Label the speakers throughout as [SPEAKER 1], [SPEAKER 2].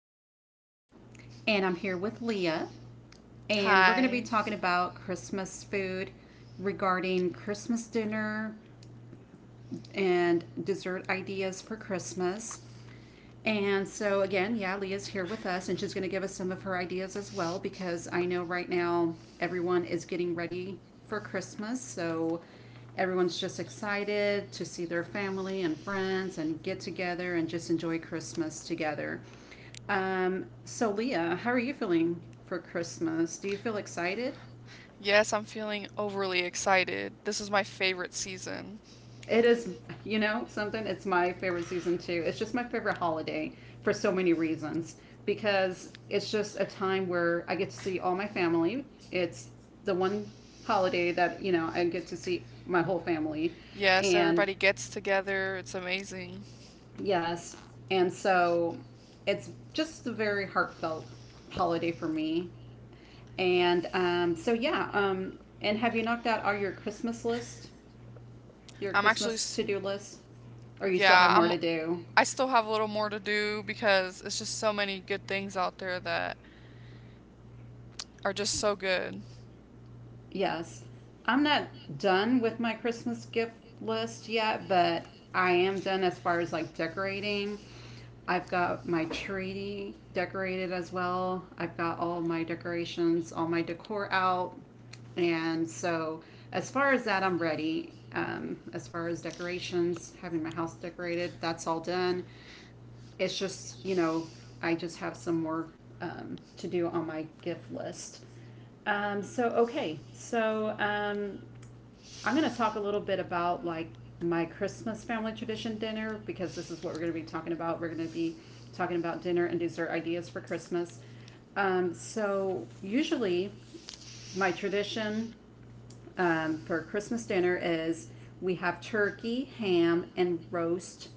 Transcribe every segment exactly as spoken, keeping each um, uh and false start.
[SPEAKER 1] is Jessica, and I'm here with Leah, and we're going to be
[SPEAKER 2] Hi.
[SPEAKER 1] talking about Christmas food regarding Christmas dinner, and dessert ideas for Christmas. And so, again, yeah, Leah's here with us and she's going to give us some of her ideas as well because I know right now everyone is getting ready for Christmas. So, everyone's just excited to see their family and friends and get together and just enjoy Christmas together. Um, so, Leah, how are you feeling for Christmas? Do you feel excited?
[SPEAKER 2] Yes, I'm feeling overly excited. This is my favorite season.
[SPEAKER 1] It is, you know, something. It's my favorite season too. It's just my favorite holiday for so many reasons because it's just a time where I get to see all my family. It's the one holiday that, you know, I get to see my whole family.
[SPEAKER 2] Yes,
[SPEAKER 1] And
[SPEAKER 2] everybody gets together. It's amazing.
[SPEAKER 1] yes, and so it's just a very heartfelt holiday for me. And um, so, yeah. Um, and have you knocked out all your Christmas list? Your
[SPEAKER 2] I'm actually,
[SPEAKER 1] Christmas
[SPEAKER 2] s-
[SPEAKER 1] to do list? Or you still have
[SPEAKER 2] yeah,
[SPEAKER 1] more
[SPEAKER 2] I'm.
[SPEAKER 1] to do?
[SPEAKER 2] I still have a little more to do because it's just so many good things out there that are just so good.
[SPEAKER 1] Yes. I'm not done with my Christmas gift list yet, but I am done as far as like decorating. I've got my tree decorated as well. I've got all my decorations, all my decor out. And so, as far as that, I'm ready. Um, as far as decorations, having my house decorated, that's all done. It's just you know I just have some more um, to do on my gift list. Um, so okay, so um, I'm going to talk a little bit about like my Christmas family tradition dinner because this is what we're going to be talking about. We're going to be talking about dinner and dessert ideas for Christmas. Um, so usually, my tradition um, for Christmas dinner is we have turkey, ham, and roast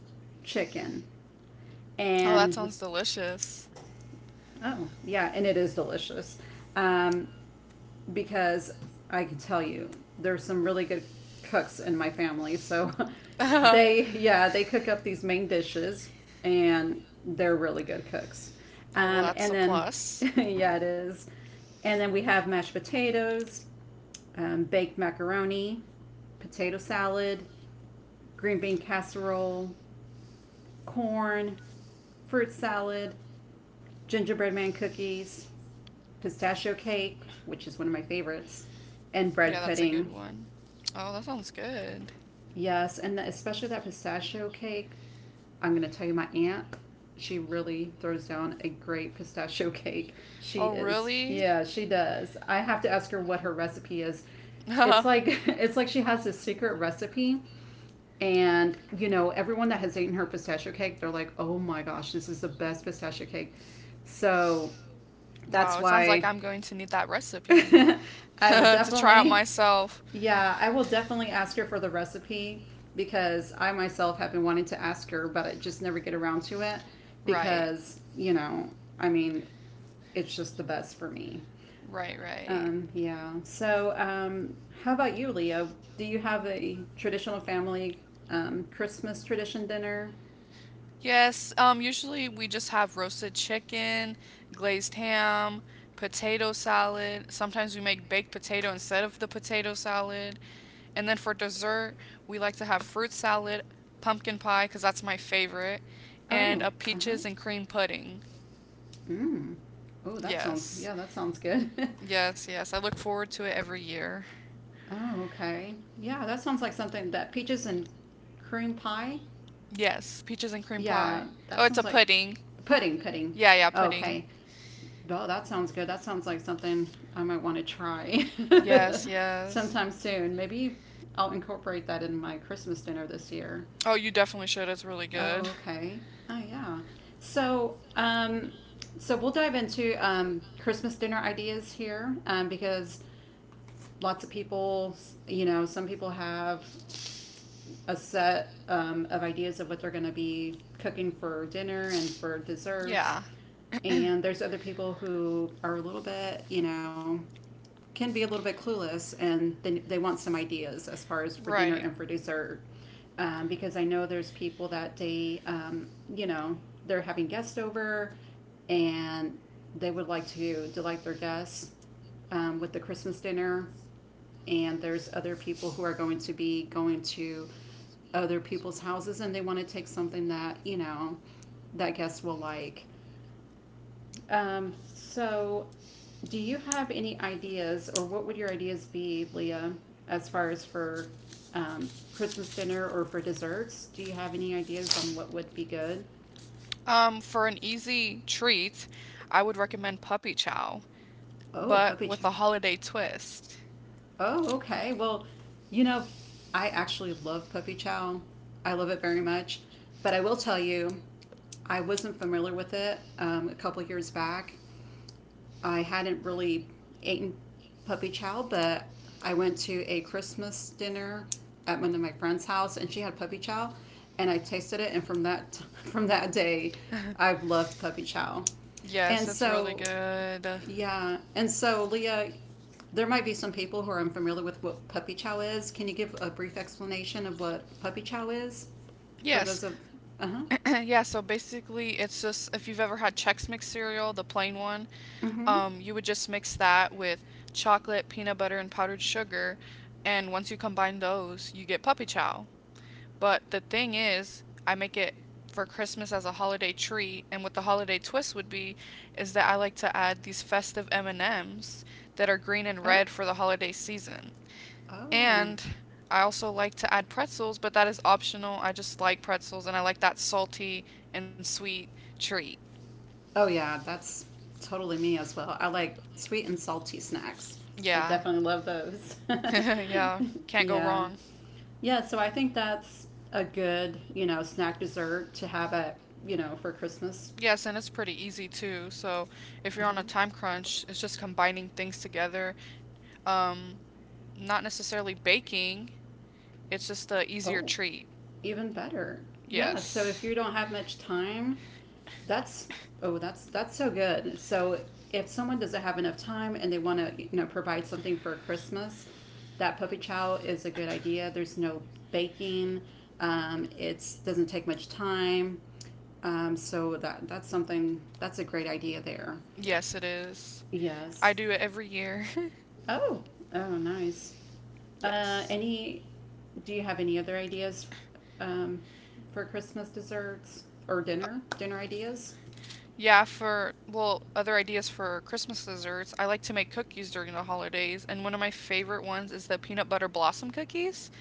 [SPEAKER 1] chicken.
[SPEAKER 2] Oh, that
[SPEAKER 1] And
[SPEAKER 2] sounds delicious.
[SPEAKER 1] oh, yeah, and it is delicious. Um, because I can tell you, there's some really good cooks in my family. So they, yeah, they cook up these main dishes and they're really good cooks.
[SPEAKER 2] Oh, well,
[SPEAKER 1] Um,
[SPEAKER 2] that's a
[SPEAKER 1] and then,
[SPEAKER 2] plus.
[SPEAKER 1] yeah, it is. And then we have mashed potatoes, um, baked macaroni, potato salad, green bean casserole, corn, fruit salad, gingerbread man cookies, pistachio cake, which is one of my favorites, and
[SPEAKER 2] Yeah,
[SPEAKER 1] bread
[SPEAKER 2] that's a good
[SPEAKER 1] pudding.
[SPEAKER 2] one. Oh, that sounds good.
[SPEAKER 1] Yes, and the, especially that pistachio cake. I'm going to tell you, my aunt, she really throws down a great pistachio cake.
[SPEAKER 2] Oh,
[SPEAKER 1] She is,
[SPEAKER 2] really?
[SPEAKER 1] yeah, she does. I have to ask her what her recipe is. It's like it's like she has this secret recipe, and you know everyone that has eaten her pistachio cake, they're like, oh my gosh, this is the best pistachio cake. So
[SPEAKER 2] Wow,
[SPEAKER 1] that's
[SPEAKER 2] it sounds like
[SPEAKER 1] why
[SPEAKER 2] I'm going to need that recipe
[SPEAKER 1] I will
[SPEAKER 2] to try out
[SPEAKER 1] definitely,
[SPEAKER 2] myself.
[SPEAKER 1] yeah, I will definitely ask her for the recipe because I myself have been wanting to ask her, but I just never get around to it
[SPEAKER 2] Right.
[SPEAKER 1] because, you know, I mean, it's just the best for me.
[SPEAKER 2] Right, right.
[SPEAKER 1] Um, yeah. So, um, how about you, Leo? Do you have a traditional family um, Christmas tradition dinner?
[SPEAKER 2] Yes, um, usually we just have roasted chicken, glazed ham, potato salad. Sometimes we make baked potato instead of the potato salad. And then for dessert, we like to have fruit salad, pumpkin pie, because that's my favorite, and
[SPEAKER 1] Oh,
[SPEAKER 2] a
[SPEAKER 1] uh-huh.
[SPEAKER 2] peaches and cream pudding.
[SPEAKER 1] Mm. Oh, that sounds,
[SPEAKER 2] Yes.
[SPEAKER 1] yeah, that sounds good.
[SPEAKER 2] Yes, yes. I look forward to it every year.
[SPEAKER 1] Oh, okay. Yeah, that sounds like something. That peaches and cream pie.
[SPEAKER 2] Yes, peaches and cream
[SPEAKER 1] Yeah,
[SPEAKER 2] pie. Oh,
[SPEAKER 1] that
[SPEAKER 2] it's a
[SPEAKER 1] sounds like
[SPEAKER 2] pudding.
[SPEAKER 1] pudding. Pudding.
[SPEAKER 2] Yeah, yeah, pudding.
[SPEAKER 1] Okay. Oh, that sounds good. That sounds like something I might want to try
[SPEAKER 2] Yes, yes.
[SPEAKER 1] sometime soon. Maybe I'll incorporate that in my Christmas dinner this year.
[SPEAKER 2] Oh, you definitely should. It's really
[SPEAKER 1] Oh,
[SPEAKER 2] good.
[SPEAKER 1] okay. Oh, yeah. So, um, so we'll dive into um, Christmas dinner ideas here um, because lots of people, you know, some people have a set um, of ideas of what they're going to be cooking for dinner and for desserts.
[SPEAKER 2] Yeah,
[SPEAKER 1] And there's other people who are a little bit, you know, can be a little bit clueless and they, they want some ideas as far as for dinner and
[SPEAKER 2] right.
[SPEAKER 1] for dessert. Um, because I know there's people that they, um, you know, they're having guests over and they would like to delight their guests um, with the Christmas dinner and there's other people who are going to be going to other people's houses and they want to take something that you know that guests will like um, so do you have any ideas or what would your ideas be, Leah, as far as for um, Christmas dinner or for desserts? Do you have any ideas on what would be good?
[SPEAKER 2] Um, for an easy treat, I would recommend puppy chow,
[SPEAKER 1] Oh,
[SPEAKER 2] but
[SPEAKER 1] puppy chow.
[SPEAKER 2] with a holiday twist.
[SPEAKER 1] Oh, okay. Well, you know, I actually love puppy chow. I love it very much. But I will tell you, I wasn't familiar with it um, a couple years back. I hadn't really eaten puppy chow, but I went to a Christmas dinner at one of my friend's house, and she had puppy chow, and I tasted it, and from that from that day, I've loved puppy chow,
[SPEAKER 2] Yes,
[SPEAKER 1] and
[SPEAKER 2] it's really
[SPEAKER 1] so
[SPEAKER 2] good.
[SPEAKER 1] yeah, and so Leah, there might be some people who are unfamiliar with what puppy chow is. Can you give a brief explanation of what puppy chow is for
[SPEAKER 2] Yes,
[SPEAKER 1] those of uh huh?
[SPEAKER 2] yeah. So basically, it's just if you've ever had Chex Mix cereal, the plain one,
[SPEAKER 1] Mm-hmm.
[SPEAKER 2] um, you would just mix that with chocolate, peanut butter, and powdered sugar, and once you combine those, you get puppy chow. But the thing is, I make it for Christmas as a holiday treat, and what the holiday twist would be is that I like to add these festive M&Ms that are green and red for the holiday season.
[SPEAKER 1] Oh. Oh.
[SPEAKER 2] And I also like to add pretzels, but that is optional. I just like pretzels and I like that salty and sweet treat.
[SPEAKER 1] Oh yeah, that's totally me as well. I like sweet and salty snacks. I
[SPEAKER 2] Yeah.
[SPEAKER 1] definitely love those.
[SPEAKER 2] yeah. Can't go
[SPEAKER 1] yeah.
[SPEAKER 2] wrong.
[SPEAKER 1] Yeah, so I think that's a good, you know, snack dessert to have at, you know, for Christmas.
[SPEAKER 2] Yes, and it's pretty easy too. So if you're
[SPEAKER 1] Uh-huh.
[SPEAKER 2] on a time crunch, it's just combining things together. Um, Not necessarily baking, it's just a easier
[SPEAKER 1] Oh,
[SPEAKER 2] treat.
[SPEAKER 1] even better. Yeah, so if
[SPEAKER 2] Yes.
[SPEAKER 1] you don't have much time, that's oh, that's that's so good. So if someone doesn't have enough time and they want to, you know, provide something for Christmas, that puppy chow is a good idea. There's no baking. Um, it doesn't take much time. Um, so that that's something that's a great idea there.
[SPEAKER 2] Yes, it is. I
[SPEAKER 1] Yes.
[SPEAKER 2] do it every year.
[SPEAKER 1] Oh, oh, nice. Uh,
[SPEAKER 2] yes.
[SPEAKER 1] any? Do you have any other ideas um, for Christmas desserts or dinner? Dinner ideas?
[SPEAKER 2] Yeah, for well, other ideas for Christmas desserts. I like to make cookies during the holidays, and one of my favorite ones is the peanut butter blossom cookies.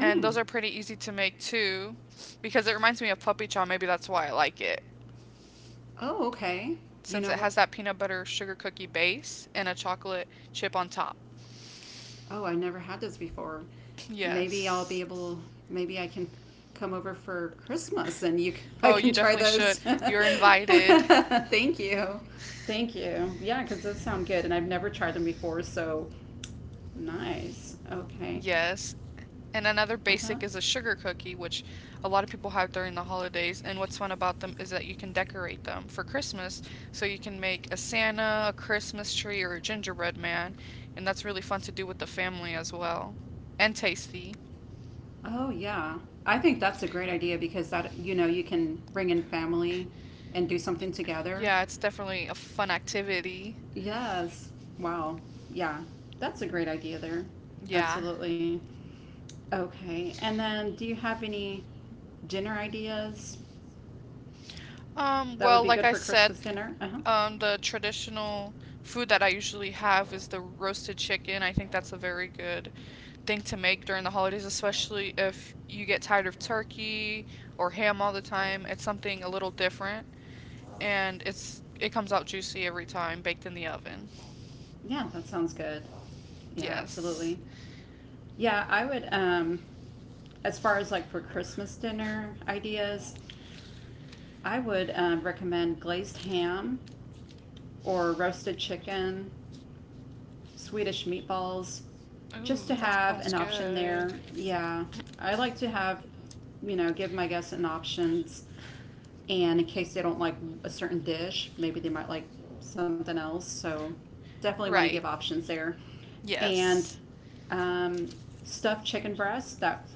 [SPEAKER 2] And those are pretty easy to make too, because it reminds me of Puppy Chow. Maybe that's why I like it,
[SPEAKER 1] Oh, okay. You
[SPEAKER 2] since
[SPEAKER 1] know
[SPEAKER 2] it
[SPEAKER 1] what?
[SPEAKER 2] has that peanut butter sugar cookie base and a chocolate chip on top.
[SPEAKER 1] Oh, I never had this before. Maybe I'll be
[SPEAKER 2] Yes.
[SPEAKER 1] able. Maybe I can come over for Christmas and you. Can, I
[SPEAKER 2] Oh, you
[SPEAKER 1] can try
[SPEAKER 2] definitely should.
[SPEAKER 1] those.
[SPEAKER 2] You're invited.
[SPEAKER 1] Thank you. Thank you. Yeah, because those sound good, and I've never tried them before. So nice. Okay.
[SPEAKER 2] Yes. And another
[SPEAKER 1] Uh-huh.
[SPEAKER 2] basic is a sugar cookie, which a lot of people have during the holidays. And what's fun about them is that you can decorate them for Christmas. So you can make a Santa, a Christmas tree, or a gingerbread man. And that's really fun to do with the family as well. And tasty.
[SPEAKER 1] Oh, yeah. I think that's a great idea because that, you know, you can bring in family and do something together.
[SPEAKER 2] Yeah, it's definitely a fun activity.
[SPEAKER 1] Yes. Wow. Yeah. That's a great idea there.
[SPEAKER 2] Yeah.
[SPEAKER 1] Absolutely. Okay. And then do you have any dinner ideas
[SPEAKER 2] Um,
[SPEAKER 1] that would
[SPEAKER 2] well,
[SPEAKER 1] be
[SPEAKER 2] like
[SPEAKER 1] good
[SPEAKER 2] I
[SPEAKER 1] for
[SPEAKER 2] said,
[SPEAKER 1] Christmas dinner? Uh-huh.
[SPEAKER 2] um, the traditional food that I usually have is the roasted chicken. I think that's a very good thing to make during the holidays, especially if you get tired of turkey or ham all the time. It's something a little different and it's it comes out juicy every time baked in the oven.
[SPEAKER 1] Yeah, that sounds good. Yeah,
[SPEAKER 2] Yes.
[SPEAKER 1] absolutely. Yeah, I would. Um, as far as like for Christmas dinner ideas, I would um, recommend glazed ham or roasted chicken, Swedish meatballs, just to
[SPEAKER 2] Ooh, that
[SPEAKER 1] have
[SPEAKER 2] sounds
[SPEAKER 1] an option
[SPEAKER 2] good.
[SPEAKER 1] there. Yeah, I like to have, you know, give my guests an options, and in case they don't like a certain dish, maybe they might like something else. So definitely want to give
[SPEAKER 2] Right.
[SPEAKER 1] options there, and
[SPEAKER 2] Yes.
[SPEAKER 1] um, stuffed chicken breast. That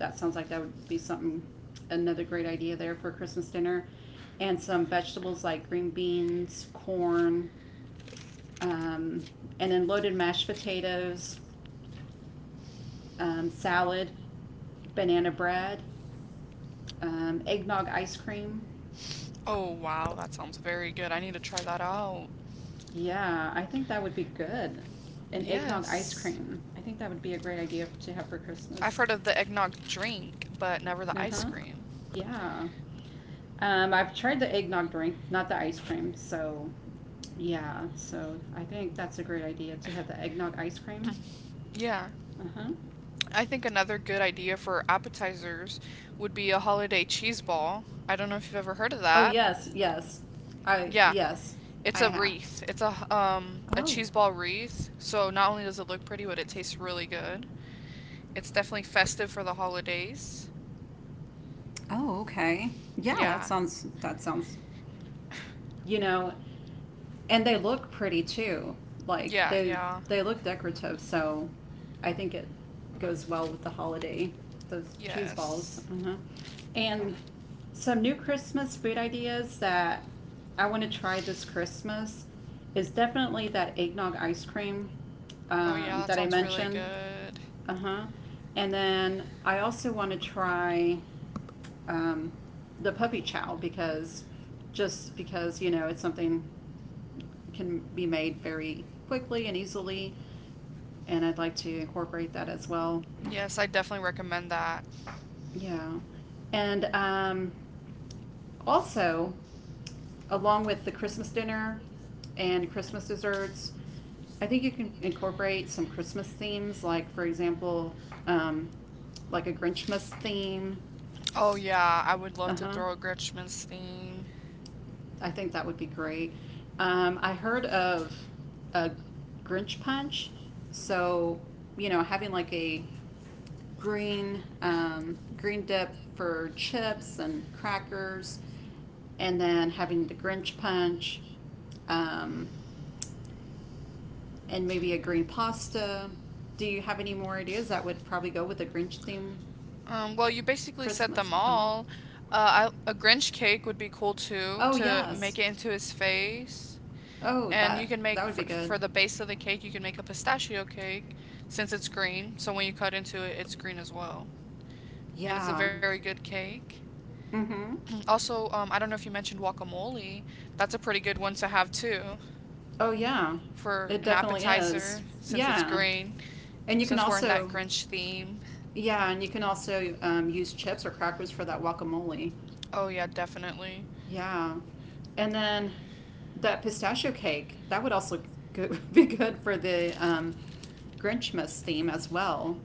[SPEAKER 1] That sounds like that would be something, another great idea there for Christmas dinner, and some vegetables like green beans, corn, um, and then loaded mashed potatoes, um, salad, banana bread, um, eggnog ice cream.
[SPEAKER 2] Oh wow, that sounds very good. I need to try that out.
[SPEAKER 1] Yeah, I think that would be good. An eggnog ice
[SPEAKER 2] Yes.
[SPEAKER 1] cream. I think that would be a great idea f- to have for
[SPEAKER 2] I've
[SPEAKER 1] Christmas.
[SPEAKER 2] heard of the eggnog drink, but never the
[SPEAKER 1] Uh
[SPEAKER 2] ice
[SPEAKER 1] huh.
[SPEAKER 2] cream.
[SPEAKER 1] Yeah. Um, I've tried the eggnog drink, not the ice cream. So, yeah. So I think that's a great idea to have the eggnog ice cream.
[SPEAKER 2] Yeah.
[SPEAKER 1] Uh huh.
[SPEAKER 2] I think another good idea for appetizers would be a holiday cheese ball. I don't know if you've ever heard of
[SPEAKER 1] Oh
[SPEAKER 2] that.
[SPEAKER 1] yes, yes. I
[SPEAKER 2] Yeah,
[SPEAKER 1] yes,
[SPEAKER 2] it's
[SPEAKER 1] I
[SPEAKER 2] a
[SPEAKER 1] have.
[SPEAKER 2] wreath. It's a h- um a
[SPEAKER 1] Oh.
[SPEAKER 2] cheese ball wreath. So not only does it look pretty, but it tastes really good. It's definitely festive for the holidays.
[SPEAKER 1] Oh, okay. Yeah, that
[SPEAKER 2] Yeah.
[SPEAKER 1] sounds that sounds you know, and they look pretty too. Like
[SPEAKER 2] Yeah,
[SPEAKER 1] they
[SPEAKER 2] yeah.
[SPEAKER 1] they look decorative, so I think it goes well with the holiday. Those cheese
[SPEAKER 2] Yes.
[SPEAKER 1] balls, uh-huh. And some new Christmas food ideas that I want to try this Christmas is definitely that eggnog ice cream
[SPEAKER 2] Oh yeah,
[SPEAKER 1] um,
[SPEAKER 2] that
[SPEAKER 1] that I
[SPEAKER 2] sounds really
[SPEAKER 1] mentioned.
[SPEAKER 2] good.
[SPEAKER 1] Uh huh. And then I also want to try um, the puppy chow because just because you know it's something can be made very quickly and easily and I'd like to incorporate that as well.
[SPEAKER 2] Yes, I definitely recommend that.
[SPEAKER 1] Yeah, and um, also along with the Christmas dinner and Christmas desserts, I think you can incorporate some Christmas themes like for example um, like a Grinchmas theme.
[SPEAKER 2] Oh yeah, I would love to
[SPEAKER 1] Uh-huh.
[SPEAKER 2] throw a Grinchmas theme.
[SPEAKER 1] I think that would be great. Um, I heard of a Grinch punch, so you know, having like a green um, green dip for chips and crackers, and then having the Grinch punch, um, and maybe a green pasta. Do you have any more ideas that would probably go with the Grinch theme
[SPEAKER 2] Um, well, you basically said
[SPEAKER 1] Christmas?
[SPEAKER 2] them
[SPEAKER 1] Uh-huh.
[SPEAKER 2] all. Uh, I, a Grinch cake would be cool too,
[SPEAKER 1] Oh
[SPEAKER 2] to
[SPEAKER 1] yes.
[SPEAKER 2] make it into his face.
[SPEAKER 1] Oh,
[SPEAKER 2] And you
[SPEAKER 1] that
[SPEAKER 2] can
[SPEAKER 1] that
[SPEAKER 2] make,
[SPEAKER 1] would be
[SPEAKER 2] for,
[SPEAKER 1] good.
[SPEAKER 2] for the base of the cake, you can make a pistachio cake since it's green. So when you cut into it, it's green as well. And it's a
[SPEAKER 1] Yeah.
[SPEAKER 2] very good cake.
[SPEAKER 1] Mhm.
[SPEAKER 2] Mm, Also, um, I don't know if you mentioned guacamole. That's a pretty good one to have too
[SPEAKER 1] Oh yeah.
[SPEAKER 2] for
[SPEAKER 1] It
[SPEAKER 2] an
[SPEAKER 1] definitely is.
[SPEAKER 2] appetizer since it's
[SPEAKER 1] Yeah.
[SPEAKER 2] green,
[SPEAKER 1] And you can
[SPEAKER 2] since we're in that
[SPEAKER 1] also
[SPEAKER 2] Grinch theme.
[SPEAKER 1] yeah, and you can also um, use chips or crackers for that guacamole.
[SPEAKER 2] Oh, yeah, definitely.
[SPEAKER 1] Yeah. And then that pistachio cake, that would also go- be good for the um, Grinchmas theme as well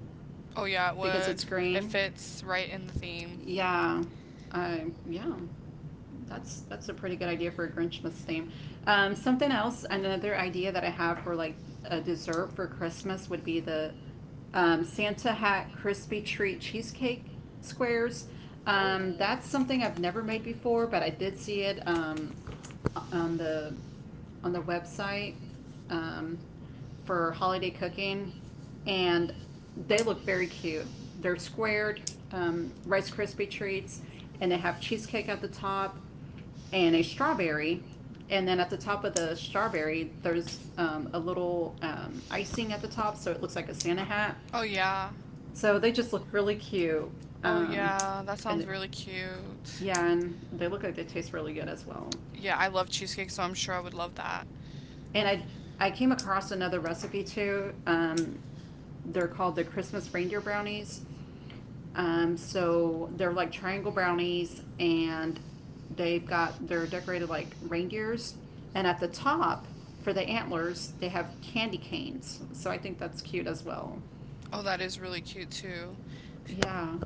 [SPEAKER 2] Oh yeah, it
[SPEAKER 1] because
[SPEAKER 2] would.
[SPEAKER 1] it's
[SPEAKER 2] It
[SPEAKER 1] green.
[SPEAKER 2] fits right in the theme.
[SPEAKER 1] Yeah, I yeah, that's that's a pretty good idea for a Grinchmas theme. Um, something else, another idea that I have for like a dessert for Christmas would be the um, Santa hat crispy treat cheesecake squares. Um,
[SPEAKER 2] Oh.
[SPEAKER 1] that's something I've never made before, but I did see it um, on the on the website um, for holiday cooking, and they look very cute. They're squared um, Rice Krispie treats, and they have cheesecake at the top and a strawberry. And then at the top of the strawberry, there's um, a little um, icing at the top, so it looks like a Santa hat.
[SPEAKER 2] Oh yeah.
[SPEAKER 1] So they just look really cute.
[SPEAKER 2] Oh
[SPEAKER 1] Um,
[SPEAKER 2] yeah, that sounds
[SPEAKER 1] and
[SPEAKER 2] really cute.
[SPEAKER 1] yeah, and they look like they taste really good as well.
[SPEAKER 2] Yeah, I love cheesecake, so I'm sure I would love that.
[SPEAKER 1] And I I came across another recipe too. Um, they're called the Christmas reindeer brownies. Um, so they're like triangle brownies, and they've got they're decorated like reindeers, and at the top for the antlers they have candy canes. So I think that's cute as well.
[SPEAKER 2] Oh, that is really cute too.
[SPEAKER 1] Yeah.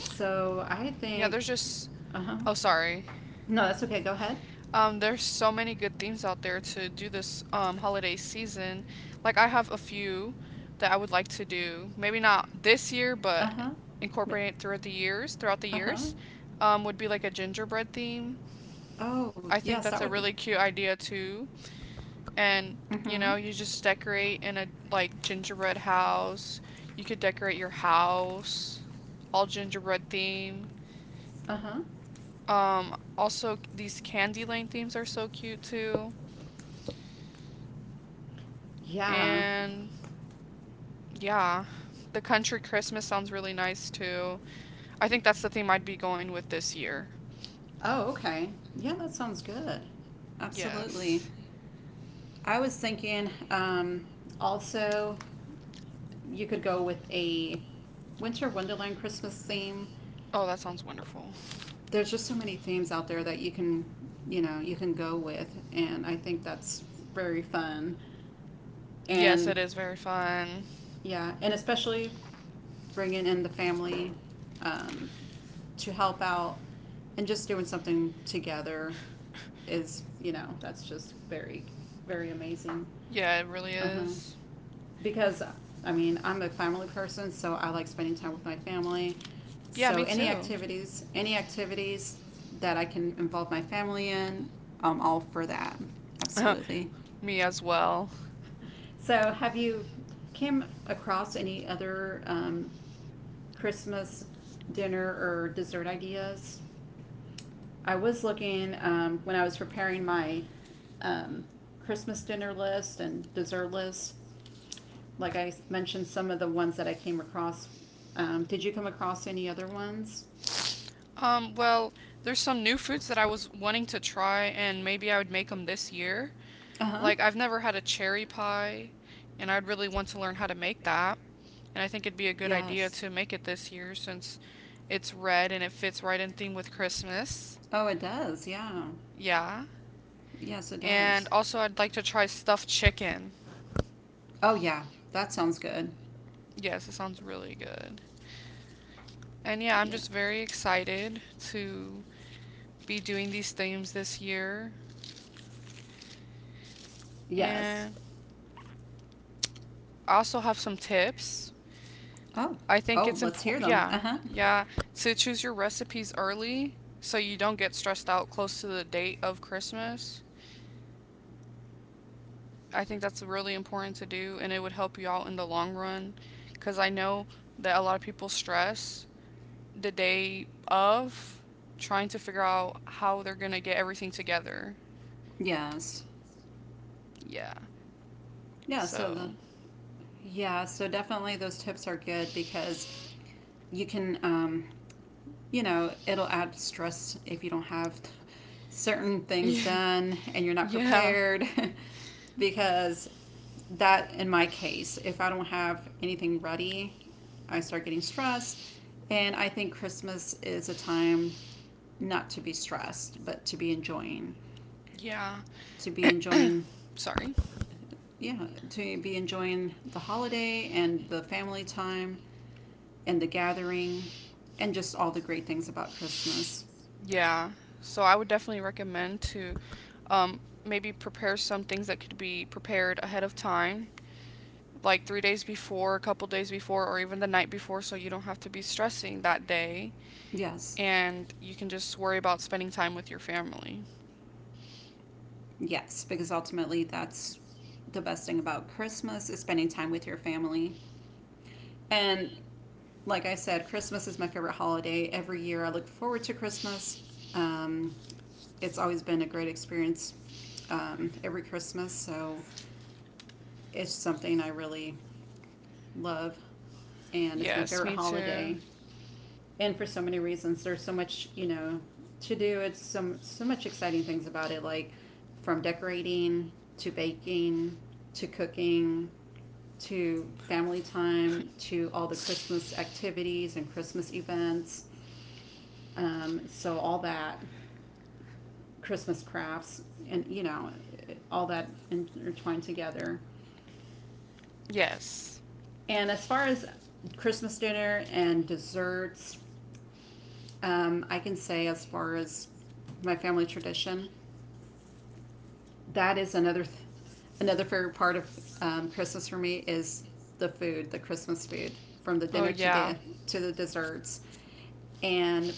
[SPEAKER 1] So I
[SPEAKER 2] Yeah,
[SPEAKER 1] think.
[SPEAKER 2] there's just
[SPEAKER 1] Uh huh.
[SPEAKER 2] oh, sorry.
[SPEAKER 1] No, that's okay. Go ahead.
[SPEAKER 2] Um, there's so many good themes out there to do this um holiday season. Like I have a few that I would like to do. Maybe not this year,
[SPEAKER 1] Uh
[SPEAKER 2] but
[SPEAKER 1] huh.
[SPEAKER 2] incorporate it throughout the years. Throughout the
[SPEAKER 1] Uh huh.
[SPEAKER 2] years, um, would be like a gingerbread theme.
[SPEAKER 1] Oh
[SPEAKER 2] I think
[SPEAKER 1] yes, that
[SPEAKER 2] that's
[SPEAKER 1] would
[SPEAKER 2] a
[SPEAKER 1] be.
[SPEAKER 2] really cute idea too.
[SPEAKER 1] Mm
[SPEAKER 2] And
[SPEAKER 1] hmm.
[SPEAKER 2] you know, you just decorate in a like gingerbread house. You could decorate your house all gingerbread theme.
[SPEAKER 1] Uh huh.
[SPEAKER 2] Um, also these candy lane themes are so cute too.
[SPEAKER 1] Yeah.
[SPEAKER 2] And Yeah. The country Christmas sounds really nice too. I think that's the theme I'd be going with this year.
[SPEAKER 1] Oh, okay. Yeah, that sounds good. Absolutely.
[SPEAKER 2] Yes.
[SPEAKER 1] I was thinking um, also you could go with a winter wonderland Christmas theme.
[SPEAKER 2] Oh, that sounds wonderful.
[SPEAKER 1] There's just so many themes out there that you can, you know, you can go with, and I think that's very fun.
[SPEAKER 2] Yes,
[SPEAKER 1] And
[SPEAKER 2] it is very fun.
[SPEAKER 1] yeah, and especially bringing in the family um, to help out and just doing something together is, you know, that's just very, very amazing.
[SPEAKER 2] Yeah, it really
[SPEAKER 1] Uh huh.
[SPEAKER 2] is.
[SPEAKER 1] Because, I mean, I'm a family person, so I like spending time with my family.
[SPEAKER 2] Yeah,
[SPEAKER 1] So
[SPEAKER 2] me
[SPEAKER 1] any
[SPEAKER 2] too.
[SPEAKER 1] activities, any activities that I can involve my family in, I'm all for that. Absolutely.
[SPEAKER 2] me as well.
[SPEAKER 1] So, have you came across any other um, Christmas dinner or dessert ideas? I was looking um, when I was preparing my um, Christmas dinner list and dessert list. Like I mentioned, some of the ones that I came across. Um, did you come across any other ones?
[SPEAKER 2] Um, well, there's some new foods that I was wanting to try, and maybe I would make them this year.
[SPEAKER 1] Uh huh.
[SPEAKER 2] Like, I've never had a cherry pie, and I'd really want to learn how to make that. And I think it'd be a good idea
[SPEAKER 1] Yes.
[SPEAKER 2] to make it this year since it's red and it fits right in theme with Christmas.
[SPEAKER 1] Oh, it does. Yeah.
[SPEAKER 2] Yeah.
[SPEAKER 1] Yes, it
[SPEAKER 2] And
[SPEAKER 1] does.
[SPEAKER 2] also, I'd like to try stuffed chicken.
[SPEAKER 1] Oh, yeah. That sounds good.
[SPEAKER 2] Yes, it sounds really good. And yeah, I'm
[SPEAKER 1] Yeah.
[SPEAKER 2] just very excited to be doing these themes this year.
[SPEAKER 1] Yes.
[SPEAKER 2] And I also have some tips.
[SPEAKER 1] Oh,
[SPEAKER 2] I think
[SPEAKER 1] oh,
[SPEAKER 2] it's
[SPEAKER 1] let's hear
[SPEAKER 2] important,
[SPEAKER 1] them.
[SPEAKER 2] yeah,
[SPEAKER 1] Uh huh.
[SPEAKER 2] yeah, to choose your recipes early so you don't get stressed out close to the date of Christmas. I think that's really important to do and it would help you out in the long run because I know that a lot of people stress the day of trying to figure out how they're going to get everything together.
[SPEAKER 1] Yes.
[SPEAKER 2] Yeah.
[SPEAKER 1] Yeah. So the
[SPEAKER 2] So,
[SPEAKER 1] Yeah, so definitely those tips are good because you can, um, you know, it'll add stress if you don't have certain
[SPEAKER 2] yeah.
[SPEAKER 1] things done and you're not
[SPEAKER 2] Yeah.
[SPEAKER 1] prepared. because that, in my case, if I don't have anything ready, I start getting stressed. And I think Christmas is a time not to be stressed, but to be enjoying,
[SPEAKER 2] Yeah.
[SPEAKER 1] to be enjoying
[SPEAKER 2] Sorry.
[SPEAKER 1] yeah, to be enjoying the holiday and the family time and the gathering and just all the great things about Christmas.
[SPEAKER 2] Yeah. So I would definitely recommend to um, maybe prepare some things that could be prepared ahead of time, like three days before, a couple days before, or even the night before, so you don't have to be stressing that day,
[SPEAKER 1] Yes.
[SPEAKER 2] and you can just worry about spending time with your family.
[SPEAKER 1] Yes, because ultimately that's the best thing about Christmas is spending time with your family. And like I said, Christmas is my favorite holiday. Every year I look forward to Christmas. Um, it's always been a great experience um, every Christmas. So it's something I really love. And it's my
[SPEAKER 2] Yes,
[SPEAKER 1] favorite
[SPEAKER 2] me too.
[SPEAKER 1] holiday, and for so many reasons. There's so much you know to do. It's so, so much exciting things about it, like from decorating to baking to cooking to family time to all the Christmas activities and Christmas events, um, so all that, Christmas crafts, and you know all that intertwined together.
[SPEAKER 2] Yes.
[SPEAKER 1] And as far as Christmas dinner and desserts, Um, I can say, as far as my family tradition, that is another th- another favorite part of um, Christmas for me is the food, the Christmas food, from the
[SPEAKER 2] Oh,
[SPEAKER 1] dinner to
[SPEAKER 2] yeah.
[SPEAKER 1] the to the desserts, and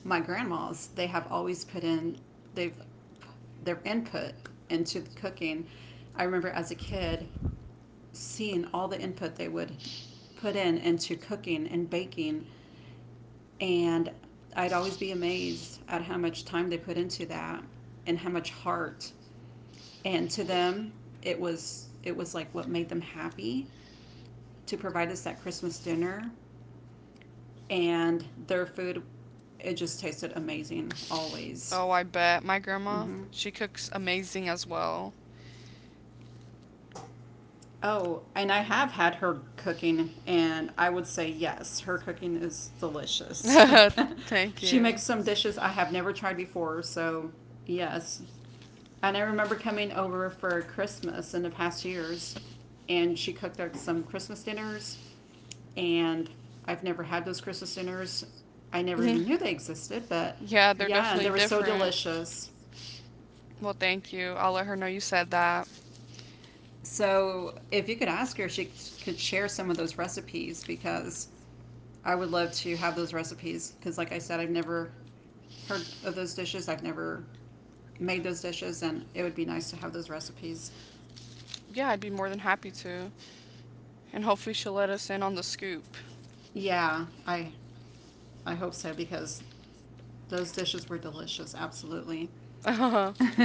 [SPEAKER 1] my grandmas, they have always put in they've their input into the cooking. I remember as a kid seeing all the input they would put in into cooking and baking, and I'd always be amazed at how much time they put into that, and how much heart. And to them, it was it was like what made them happy to provide us that Christmas dinner, and their food, it just tasted amazing always.
[SPEAKER 2] Oh, I bet. My grandma,
[SPEAKER 1] Mhm.
[SPEAKER 2] she cooks amazing as well.
[SPEAKER 1] Oh, and I have had her cooking, and I would say yes, her cooking is delicious.
[SPEAKER 2] Thank
[SPEAKER 1] She makes
[SPEAKER 2] you.
[SPEAKER 1] some dishes I have never tried before, so yes. And I remember coming over for Christmas in the past years, and she cooked up some Christmas dinners, and I've never had those Christmas dinners. I never
[SPEAKER 2] Mhm.
[SPEAKER 1] even knew they existed, but
[SPEAKER 2] Yeah, they're
[SPEAKER 1] yeah, and
[SPEAKER 2] definitely
[SPEAKER 1] they were so
[SPEAKER 2] different.
[SPEAKER 1] delicious.
[SPEAKER 2] Well, thank you. I'll let her know you said that.
[SPEAKER 1] So if you could ask her if she could share some of those recipes, because I would love to have those recipes. Because, like I said, I've never heard of those dishes, I've never made those dishes, and it would be nice to have those recipes.
[SPEAKER 2] Yeah, I'd be more than happy to. And hopefully she'll let us in on the scoop.
[SPEAKER 1] Yeah, I, I hope so because those dishes were delicious. Absolutely.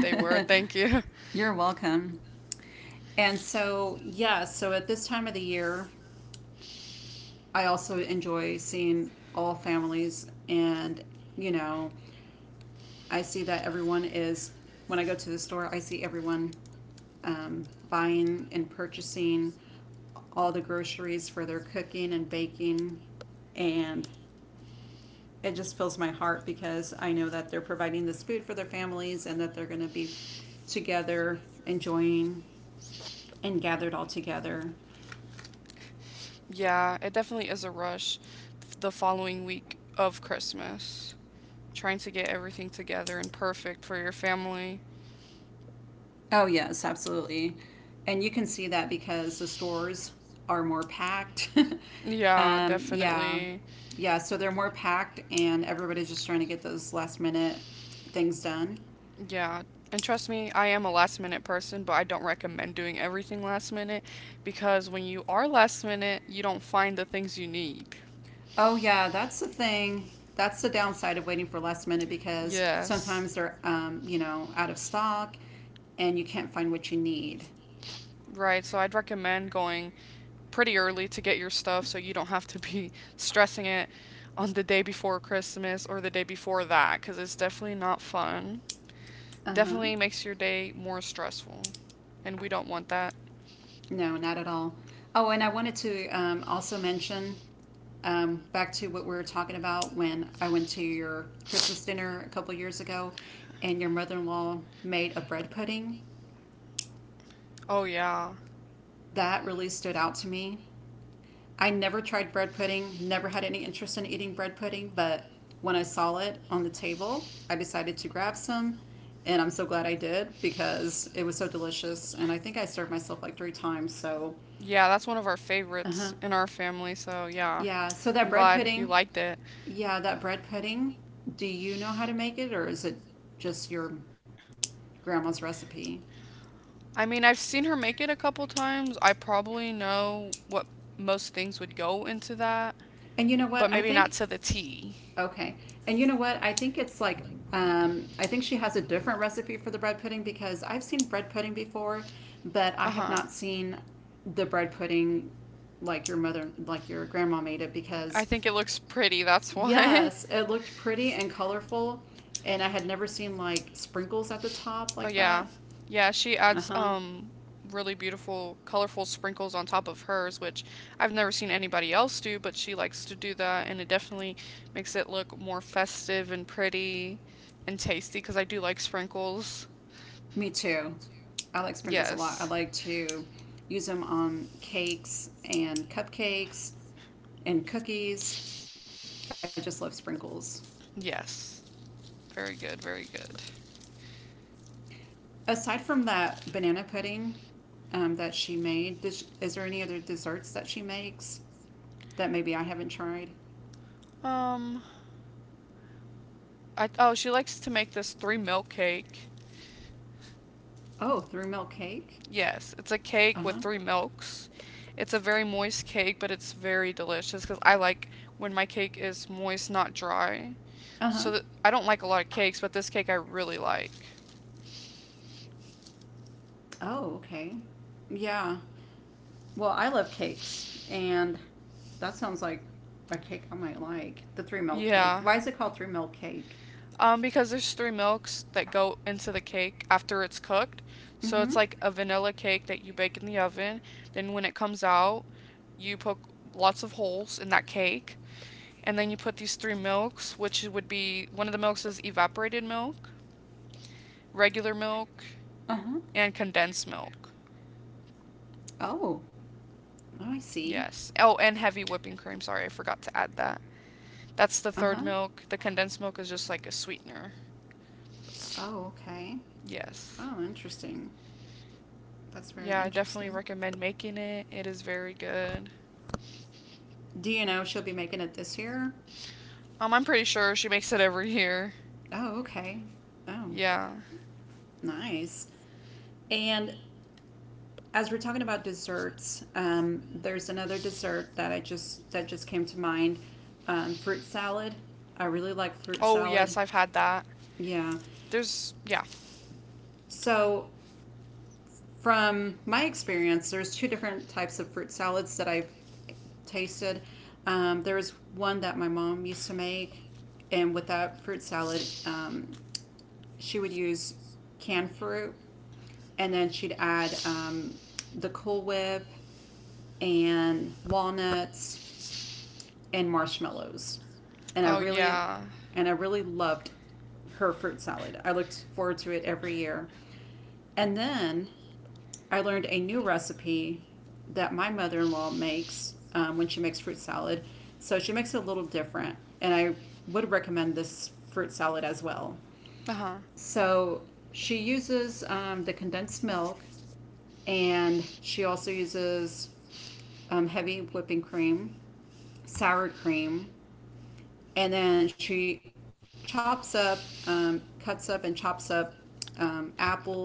[SPEAKER 2] they were, thank you.
[SPEAKER 1] You're welcome. And so, yeah, so at this time of the year, I also enjoy seeing all families, and you know, I see that everyone is when I go to the store, I see everyone um, buying and purchasing all the groceries for their cooking and baking, and it just fills my heart because I know that they're providing this food for their families, and that they're going to be together enjoying and gathered all together.
[SPEAKER 2] Yeah, it definitely is a rush f- the following week of Christmas. Trying to get everything together and perfect for your family.
[SPEAKER 1] Oh, yes, absolutely. And you can see that because the stores are more packed.
[SPEAKER 2] Yeah,
[SPEAKER 1] um, yeah.
[SPEAKER 2] definitely.
[SPEAKER 1] Yeah, so they're more packed, and everybody's just trying to get those last minute things done.
[SPEAKER 2] Yeah. And trust me, I am a last minute person, but I don't recommend doing everything last minute because when you are last minute, you don't find the things you need.
[SPEAKER 1] Oh, yeah, that's the thing. That's the downside of waiting for last minute, because
[SPEAKER 2] Yes.
[SPEAKER 1] sometimes they're, um, you know, out of stock, and you can't find what you need.
[SPEAKER 2] Right, so I'd recommend going pretty early to get your stuff so you don't have to be stressing it on the day before Christmas or the day before that because it's definitely not fun.
[SPEAKER 1] Uh huh.
[SPEAKER 2] Definitely makes your day more stressful, and we don't want that.
[SPEAKER 1] No, not at all. Oh, and I wanted to um, also mention um, back to what we were talking about when I went to your Christmas dinner a couple years ago, and your mother in law made a bread pudding.
[SPEAKER 2] Oh, yeah.
[SPEAKER 1] That really stood out to me. I never tried bread pudding, never had any interest in eating bread pudding, but when I saw it on the table, I decided to grab some. And I'm so glad I did because it was so delicious. And I think I served myself like three times. So,
[SPEAKER 2] Yeah, that's one of our
[SPEAKER 1] uh huh.
[SPEAKER 2] favorites in our family, so yeah.
[SPEAKER 1] Yeah. So that
[SPEAKER 2] I'm
[SPEAKER 1] bread
[SPEAKER 2] glad you
[SPEAKER 1] pudding,
[SPEAKER 2] liked it.
[SPEAKER 1] yeah, that bread pudding. Do you know how to make it, or is it just your grandma's recipe?
[SPEAKER 2] I mean, I've seen her make it a couple times. I probably know what most things would go into that,
[SPEAKER 1] And you know what?
[SPEAKER 2] but
[SPEAKER 1] I
[SPEAKER 2] maybe not
[SPEAKER 1] think.
[SPEAKER 2] to the T.
[SPEAKER 1] Okay. And you know what? I think it's like um, I think she has a different recipe for the bread pudding, because I've seen bread pudding before, but I
[SPEAKER 2] Uh
[SPEAKER 1] have
[SPEAKER 2] huh.
[SPEAKER 1] not seen the bread pudding like your mother, like your grandma made it
[SPEAKER 2] I
[SPEAKER 1] because
[SPEAKER 2] think it looks pretty, that's why.
[SPEAKER 1] Yes, it looked pretty and colorful, and I had never seen like sprinkles at the top
[SPEAKER 2] oh
[SPEAKER 1] like
[SPEAKER 2] yeah.
[SPEAKER 1] that.
[SPEAKER 2] Yeah, she
[SPEAKER 1] Uh
[SPEAKER 2] adds
[SPEAKER 1] huh.
[SPEAKER 2] um really beautiful colorful sprinkles on top of hers, which I've never seen anybody else do, but she likes to do that and it definitely makes it look more festive and pretty and tasty because I do like sprinkles.
[SPEAKER 1] Me too. I like sprinkles a
[SPEAKER 2] Yes.
[SPEAKER 1] lot. I like to use them on cakes and cupcakes and cookies. I just love sprinkles.
[SPEAKER 2] Yes. Very good, very good.
[SPEAKER 1] Aside from that banana pudding um, that she made, does, is there any other desserts that she makes that maybe I haven't tried?
[SPEAKER 2] Um I Oh, she likes to make this three milk cake.
[SPEAKER 1] Oh, through milk cake?
[SPEAKER 2] Yes, it's a
[SPEAKER 1] Uh
[SPEAKER 2] cake with
[SPEAKER 1] huh.
[SPEAKER 2] three milks. It's a very moist cake, but it's very delicious because I like when my cake is moist, not dry.
[SPEAKER 1] Uh huh.
[SPEAKER 2] So th I don't like a lot of cakes, but this cake I really like.
[SPEAKER 1] Oh, okay. Yeah. Well, I love cakes, and that sounds like a cake I might like. The three milk cake.
[SPEAKER 2] Yeah.
[SPEAKER 1] Why is it called three milk cake?
[SPEAKER 2] Um, because there's three milks that go into the cake after it's cooked. So
[SPEAKER 1] Mm-hmm.
[SPEAKER 2] it's like a vanilla cake that you bake in the oven. Then when it comes out, you poke lots of holes in that cake. And then you put these three milks, which would be one of the milks is evaporated milk, regular milk,
[SPEAKER 1] Uh-huh.
[SPEAKER 2] and condensed milk.
[SPEAKER 1] Oh. Oh, I see.
[SPEAKER 2] Yes. Oh, and heavy whipping cream. Sorry, I forgot to add that. That's the third
[SPEAKER 1] Uh-huh.
[SPEAKER 2] milk. The condensed milk is just like a sweetener.
[SPEAKER 1] Oh, okay.
[SPEAKER 2] Yes.
[SPEAKER 1] Oh, interesting. That's very
[SPEAKER 2] Yeah, I definitely
[SPEAKER 1] interesting.
[SPEAKER 2] recommend making it. It is very good.
[SPEAKER 1] Do you know if she'll be making it this year?
[SPEAKER 2] Um, I'm pretty sure she makes it every year.
[SPEAKER 1] Oh, okay. Oh,
[SPEAKER 2] Yeah.
[SPEAKER 1] nice. And as we're talking about desserts, um, there's another dessert that I just that just came to mind. Um, fruit salad. I really like fruit
[SPEAKER 2] Oh,
[SPEAKER 1] salad.
[SPEAKER 2] yes, I've had that.
[SPEAKER 1] Yeah.
[SPEAKER 2] There's, yeah.
[SPEAKER 1] So, from my experience, there's two different types of fruit salads that I've tasted. Um, there was one that my mom used to make, and with that fruit salad, um, she would use canned fruit, and then she'd add um, the Cool Whip and walnuts and marshmallows. And I
[SPEAKER 2] Oh,
[SPEAKER 1] really,
[SPEAKER 2] yeah.
[SPEAKER 1] and I really loved her fruit salad. I looked forward to it every year. And then I learned a new recipe that my mother in law makes um, when she makes fruit salad. So she makes it a little different. And I would recommend this fruit salad as well.
[SPEAKER 2] Uh huh.
[SPEAKER 1] So she uses um, the condensed milk, and she also uses um, heavy whipping cream, sour cream, and then she chops up, um, cuts up, and chops up um, apples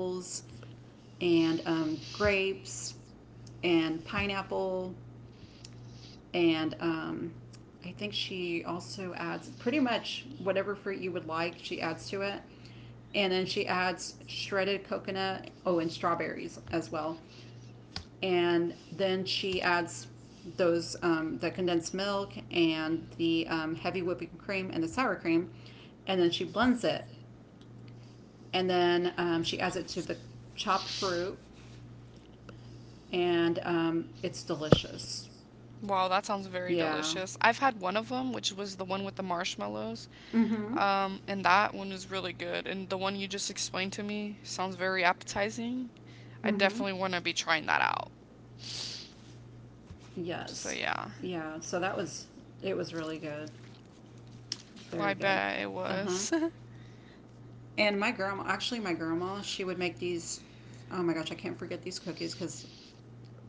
[SPEAKER 1] and um, grapes and pineapple and um, I think she also adds pretty much whatever fruit you would like. She adds to it, and then she adds shredded coconut. Oh, and strawberries as well, and then she adds those um, the condensed milk and the um, heavy whipping cream and the sour cream, and then she blends it, and then um, she adds it to the chopped fruit, and um, it's delicious.
[SPEAKER 2] Wow, that sounds very
[SPEAKER 1] Yeah.
[SPEAKER 2] delicious. I've had one of them, which was the one with the marshmallows.
[SPEAKER 1] Mm-hmm.
[SPEAKER 2] Um, and that one is really good. And the one you just explained to me sounds very appetizing. I
[SPEAKER 1] Mm-hmm.
[SPEAKER 2] definitely want to be trying that out. So
[SPEAKER 1] Yes.
[SPEAKER 2] yeah,
[SPEAKER 1] Yeah. So that was it was really good.
[SPEAKER 2] I
[SPEAKER 1] Very good.
[SPEAKER 2] bet it
[SPEAKER 1] Uh-huh.
[SPEAKER 2] was.
[SPEAKER 1] And my grandma, actually my grandma, she would make these, oh my gosh, I can't forget these cookies cuz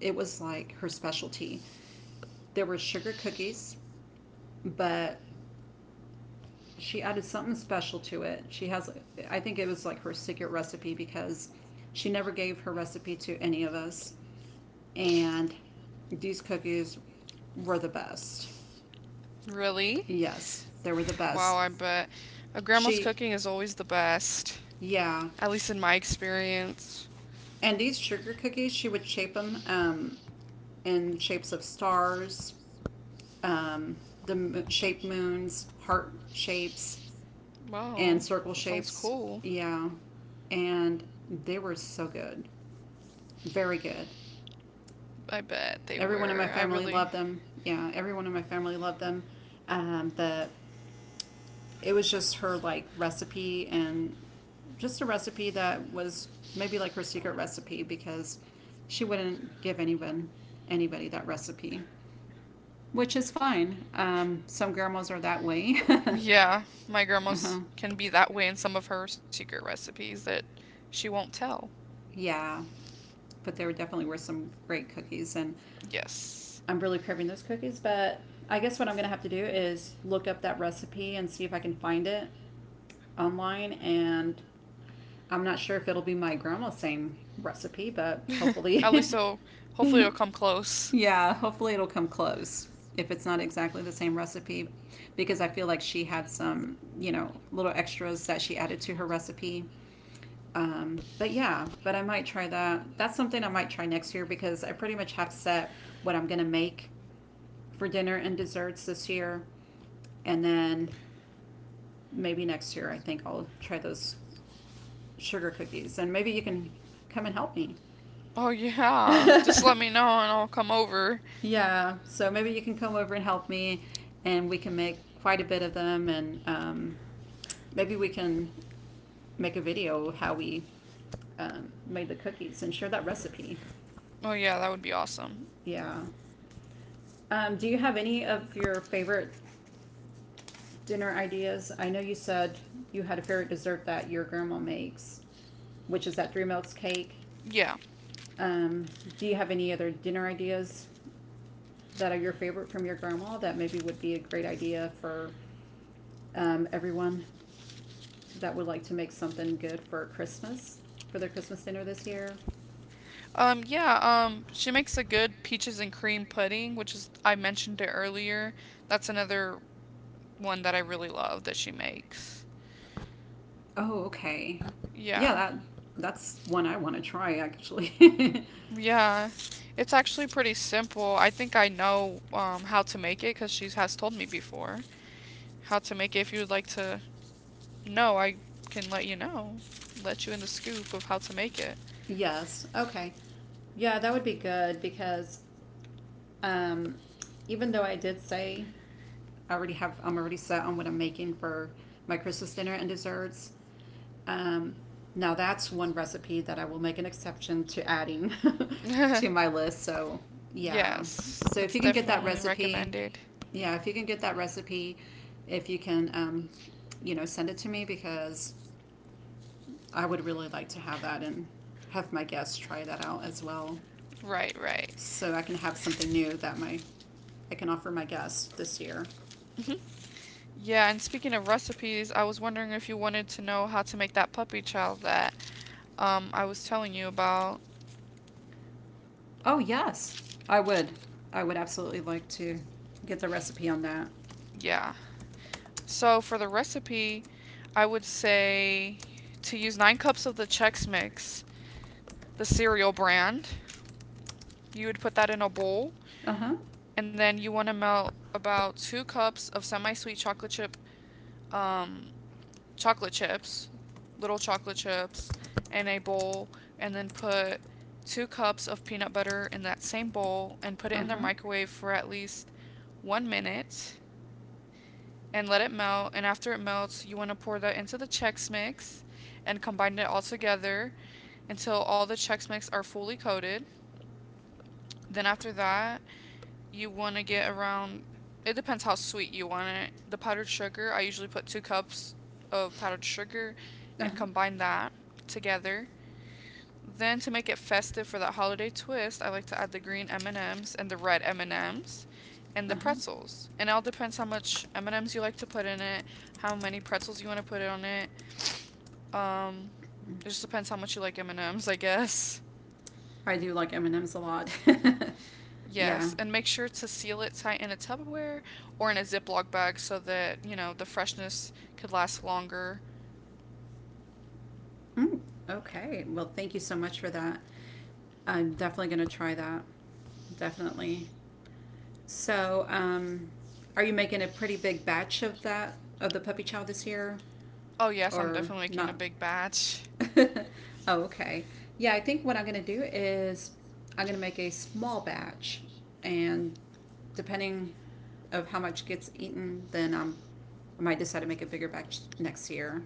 [SPEAKER 1] it was like her specialty. There were sugar cookies, but she added something special to it. She has, I think it was like her secret recipe because she never gave her recipe to any of us. And these cookies were the best.
[SPEAKER 2] Really?
[SPEAKER 1] Yes, they were the
[SPEAKER 2] Wow,
[SPEAKER 1] best.
[SPEAKER 2] I bet. A grandma's
[SPEAKER 1] She,
[SPEAKER 2] cooking is always the best,
[SPEAKER 1] yeah.
[SPEAKER 2] at least in my experience.
[SPEAKER 1] And these sugar cookies, she would shape them um, in shapes of stars, um, the shape moons, heart shapes, and
[SPEAKER 2] Wow,
[SPEAKER 1] circle
[SPEAKER 2] that sounds
[SPEAKER 1] shapes.
[SPEAKER 2] cool.
[SPEAKER 1] Yeah. And they were so good. Very good.
[SPEAKER 2] I bet they
[SPEAKER 1] Everyone in my
[SPEAKER 2] were. I
[SPEAKER 1] family
[SPEAKER 2] really.
[SPEAKER 1] loved them. Yeah, everyone in my family loved them. Um, the It was just her like recipe, and just a recipe that was maybe like her secret recipe because she wouldn't give anyone anybody that recipe, which is fine. Um, some grandmas are that way.
[SPEAKER 2] Yeah, my
[SPEAKER 1] Uh-huh.
[SPEAKER 2] grandma's can be that way in some of her secret recipes that she won't tell.
[SPEAKER 1] Yeah, but there definitely were some great cookies, and
[SPEAKER 2] Yes.
[SPEAKER 1] I'm really craving those cookies. But I guess what I'm gonna have to do is look up that recipe and see if I can find it online. And I'm not sure if it'll be my grandma's same recipe, but
[SPEAKER 2] At
[SPEAKER 1] hopefully.
[SPEAKER 2] least so hopefully it'll come close.
[SPEAKER 1] Yeah, hopefully it'll come close if it's not exactly the same recipe because I feel like she had some, you know, little extras that she added to her recipe. Um, but yeah, but I might try that. That's something I might try next year because I pretty much have set what I'm going to make for dinner and desserts this year. And then maybe next year, I think I'll try those sugar cookies. And maybe you can come and help me.
[SPEAKER 2] Oh yeah. Just let me know and I'll come over.
[SPEAKER 1] Yeah, so maybe you can come over and help me, and we can make quite a bit of them, and um, maybe we can make a video how we um, made the cookies and share that recipe.
[SPEAKER 2] Oh yeah, that would be awesome.
[SPEAKER 1] Yeah. Um, do you have any of your favorite dinner ideas? I know you said you had a favorite dessert that your grandma makes, which is that three milks cake.
[SPEAKER 2] Yeah.
[SPEAKER 1] Um, do you have any other dinner ideas that are your favorite from your grandma that maybe would be a great idea for um, everyone that would like to make something good for Christmas for their Christmas dinner this year.
[SPEAKER 2] Um yeah, um she makes a good peaches and cream pudding, which is I mentioned it earlier. That's another one that I really love that she makes.
[SPEAKER 1] Oh, okay. Yeah,
[SPEAKER 2] Yeah.
[SPEAKER 1] that that's one I want to try actually.
[SPEAKER 2] Yeah. It's actually pretty simple. I think I know um how to make it cuz she has told me before how to make it if you would like to. No, I can let you know. Let you in the scoop of how to make it.
[SPEAKER 1] Yes. Okay. Yeah, that would be good because um, even though I did say I already have, I'm already set on what I'm making for my Christmas dinner and desserts. Um, now that's one recipe that I will make an exception to adding to my list. So yeah,
[SPEAKER 2] Yes,
[SPEAKER 1] so
[SPEAKER 2] it's
[SPEAKER 1] if you can get that
[SPEAKER 2] definitely
[SPEAKER 1] recipe,
[SPEAKER 2] recommended.
[SPEAKER 1] yeah, if you can get that recipe, if you can, um, you know, send it to me because I would really like to have that and have my guests try that out as well,
[SPEAKER 2] Right, right.
[SPEAKER 1] so I can have something new that my I can offer my guests this year.
[SPEAKER 2] Yeah, and speaking of recipes, I was wondering if you wanted to know how to make that puppy chow that um I was telling you about.
[SPEAKER 1] Oh, yes. I would. I would absolutely like to get the recipe on that.
[SPEAKER 2] Yeah. So for the recipe, I would say to use nine cups of the Chex Mix, the cereal brand. You would put that in a bowl,
[SPEAKER 1] Uh huh.
[SPEAKER 2] and then you want to melt about two cups of semi-sweet chocolate chip, um, chocolate chips, little chocolate chips, in a bowl, and then put two cups of peanut butter in that same bowl and put it
[SPEAKER 1] Uh
[SPEAKER 2] in the
[SPEAKER 1] huh.
[SPEAKER 2] microwave for at least one minute and let it melt. And after it melts, you want to pour that into the Chex Mix and combine it all together until all the Chex Mix are fully coated. Then after that, you want to get around. It depends how sweet you want it. The powdered sugar, I usually put two cups of powdered sugar and combine that together. Then to make it festive for that holiday twist, I like to add the green M&Ms and M's and the red M&Ms and M's and
[SPEAKER 1] Uh huh.
[SPEAKER 2] the
[SPEAKER 1] Uh huh.
[SPEAKER 2] pretzels. And it all depends how much M&Ms you like to put in it, how many pretzels you want to put on it. Um, it just depends how much you like M&Ms, I guess.
[SPEAKER 1] I do like M and M's a lot. Yeah.
[SPEAKER 2] Yes, and make sure to seal it tight in a Tupperware or in a Ziploc bag so that, you know, the freshness could last longer.
[SPEAKER 1] Mm, okay. Well, thank you so much for that. I'm definitely going to try that. Definitely. So, um, are you making a pretty big batch of that of the puppy chow this year,
[SPEAKER 2] Oh, yes, I'm
[SPEAKER 1] or
[SPEAKER 2] definitely making a
[SPEAKER 1] not?
[SPEAKER 2] big batch.
[SPEAKER 1] Oh, okay. Yeah, I think what I'm going to do is I'm going to make a small batch, and depending of how much gets eaten, then um, I might decide to make a bigger batch next year.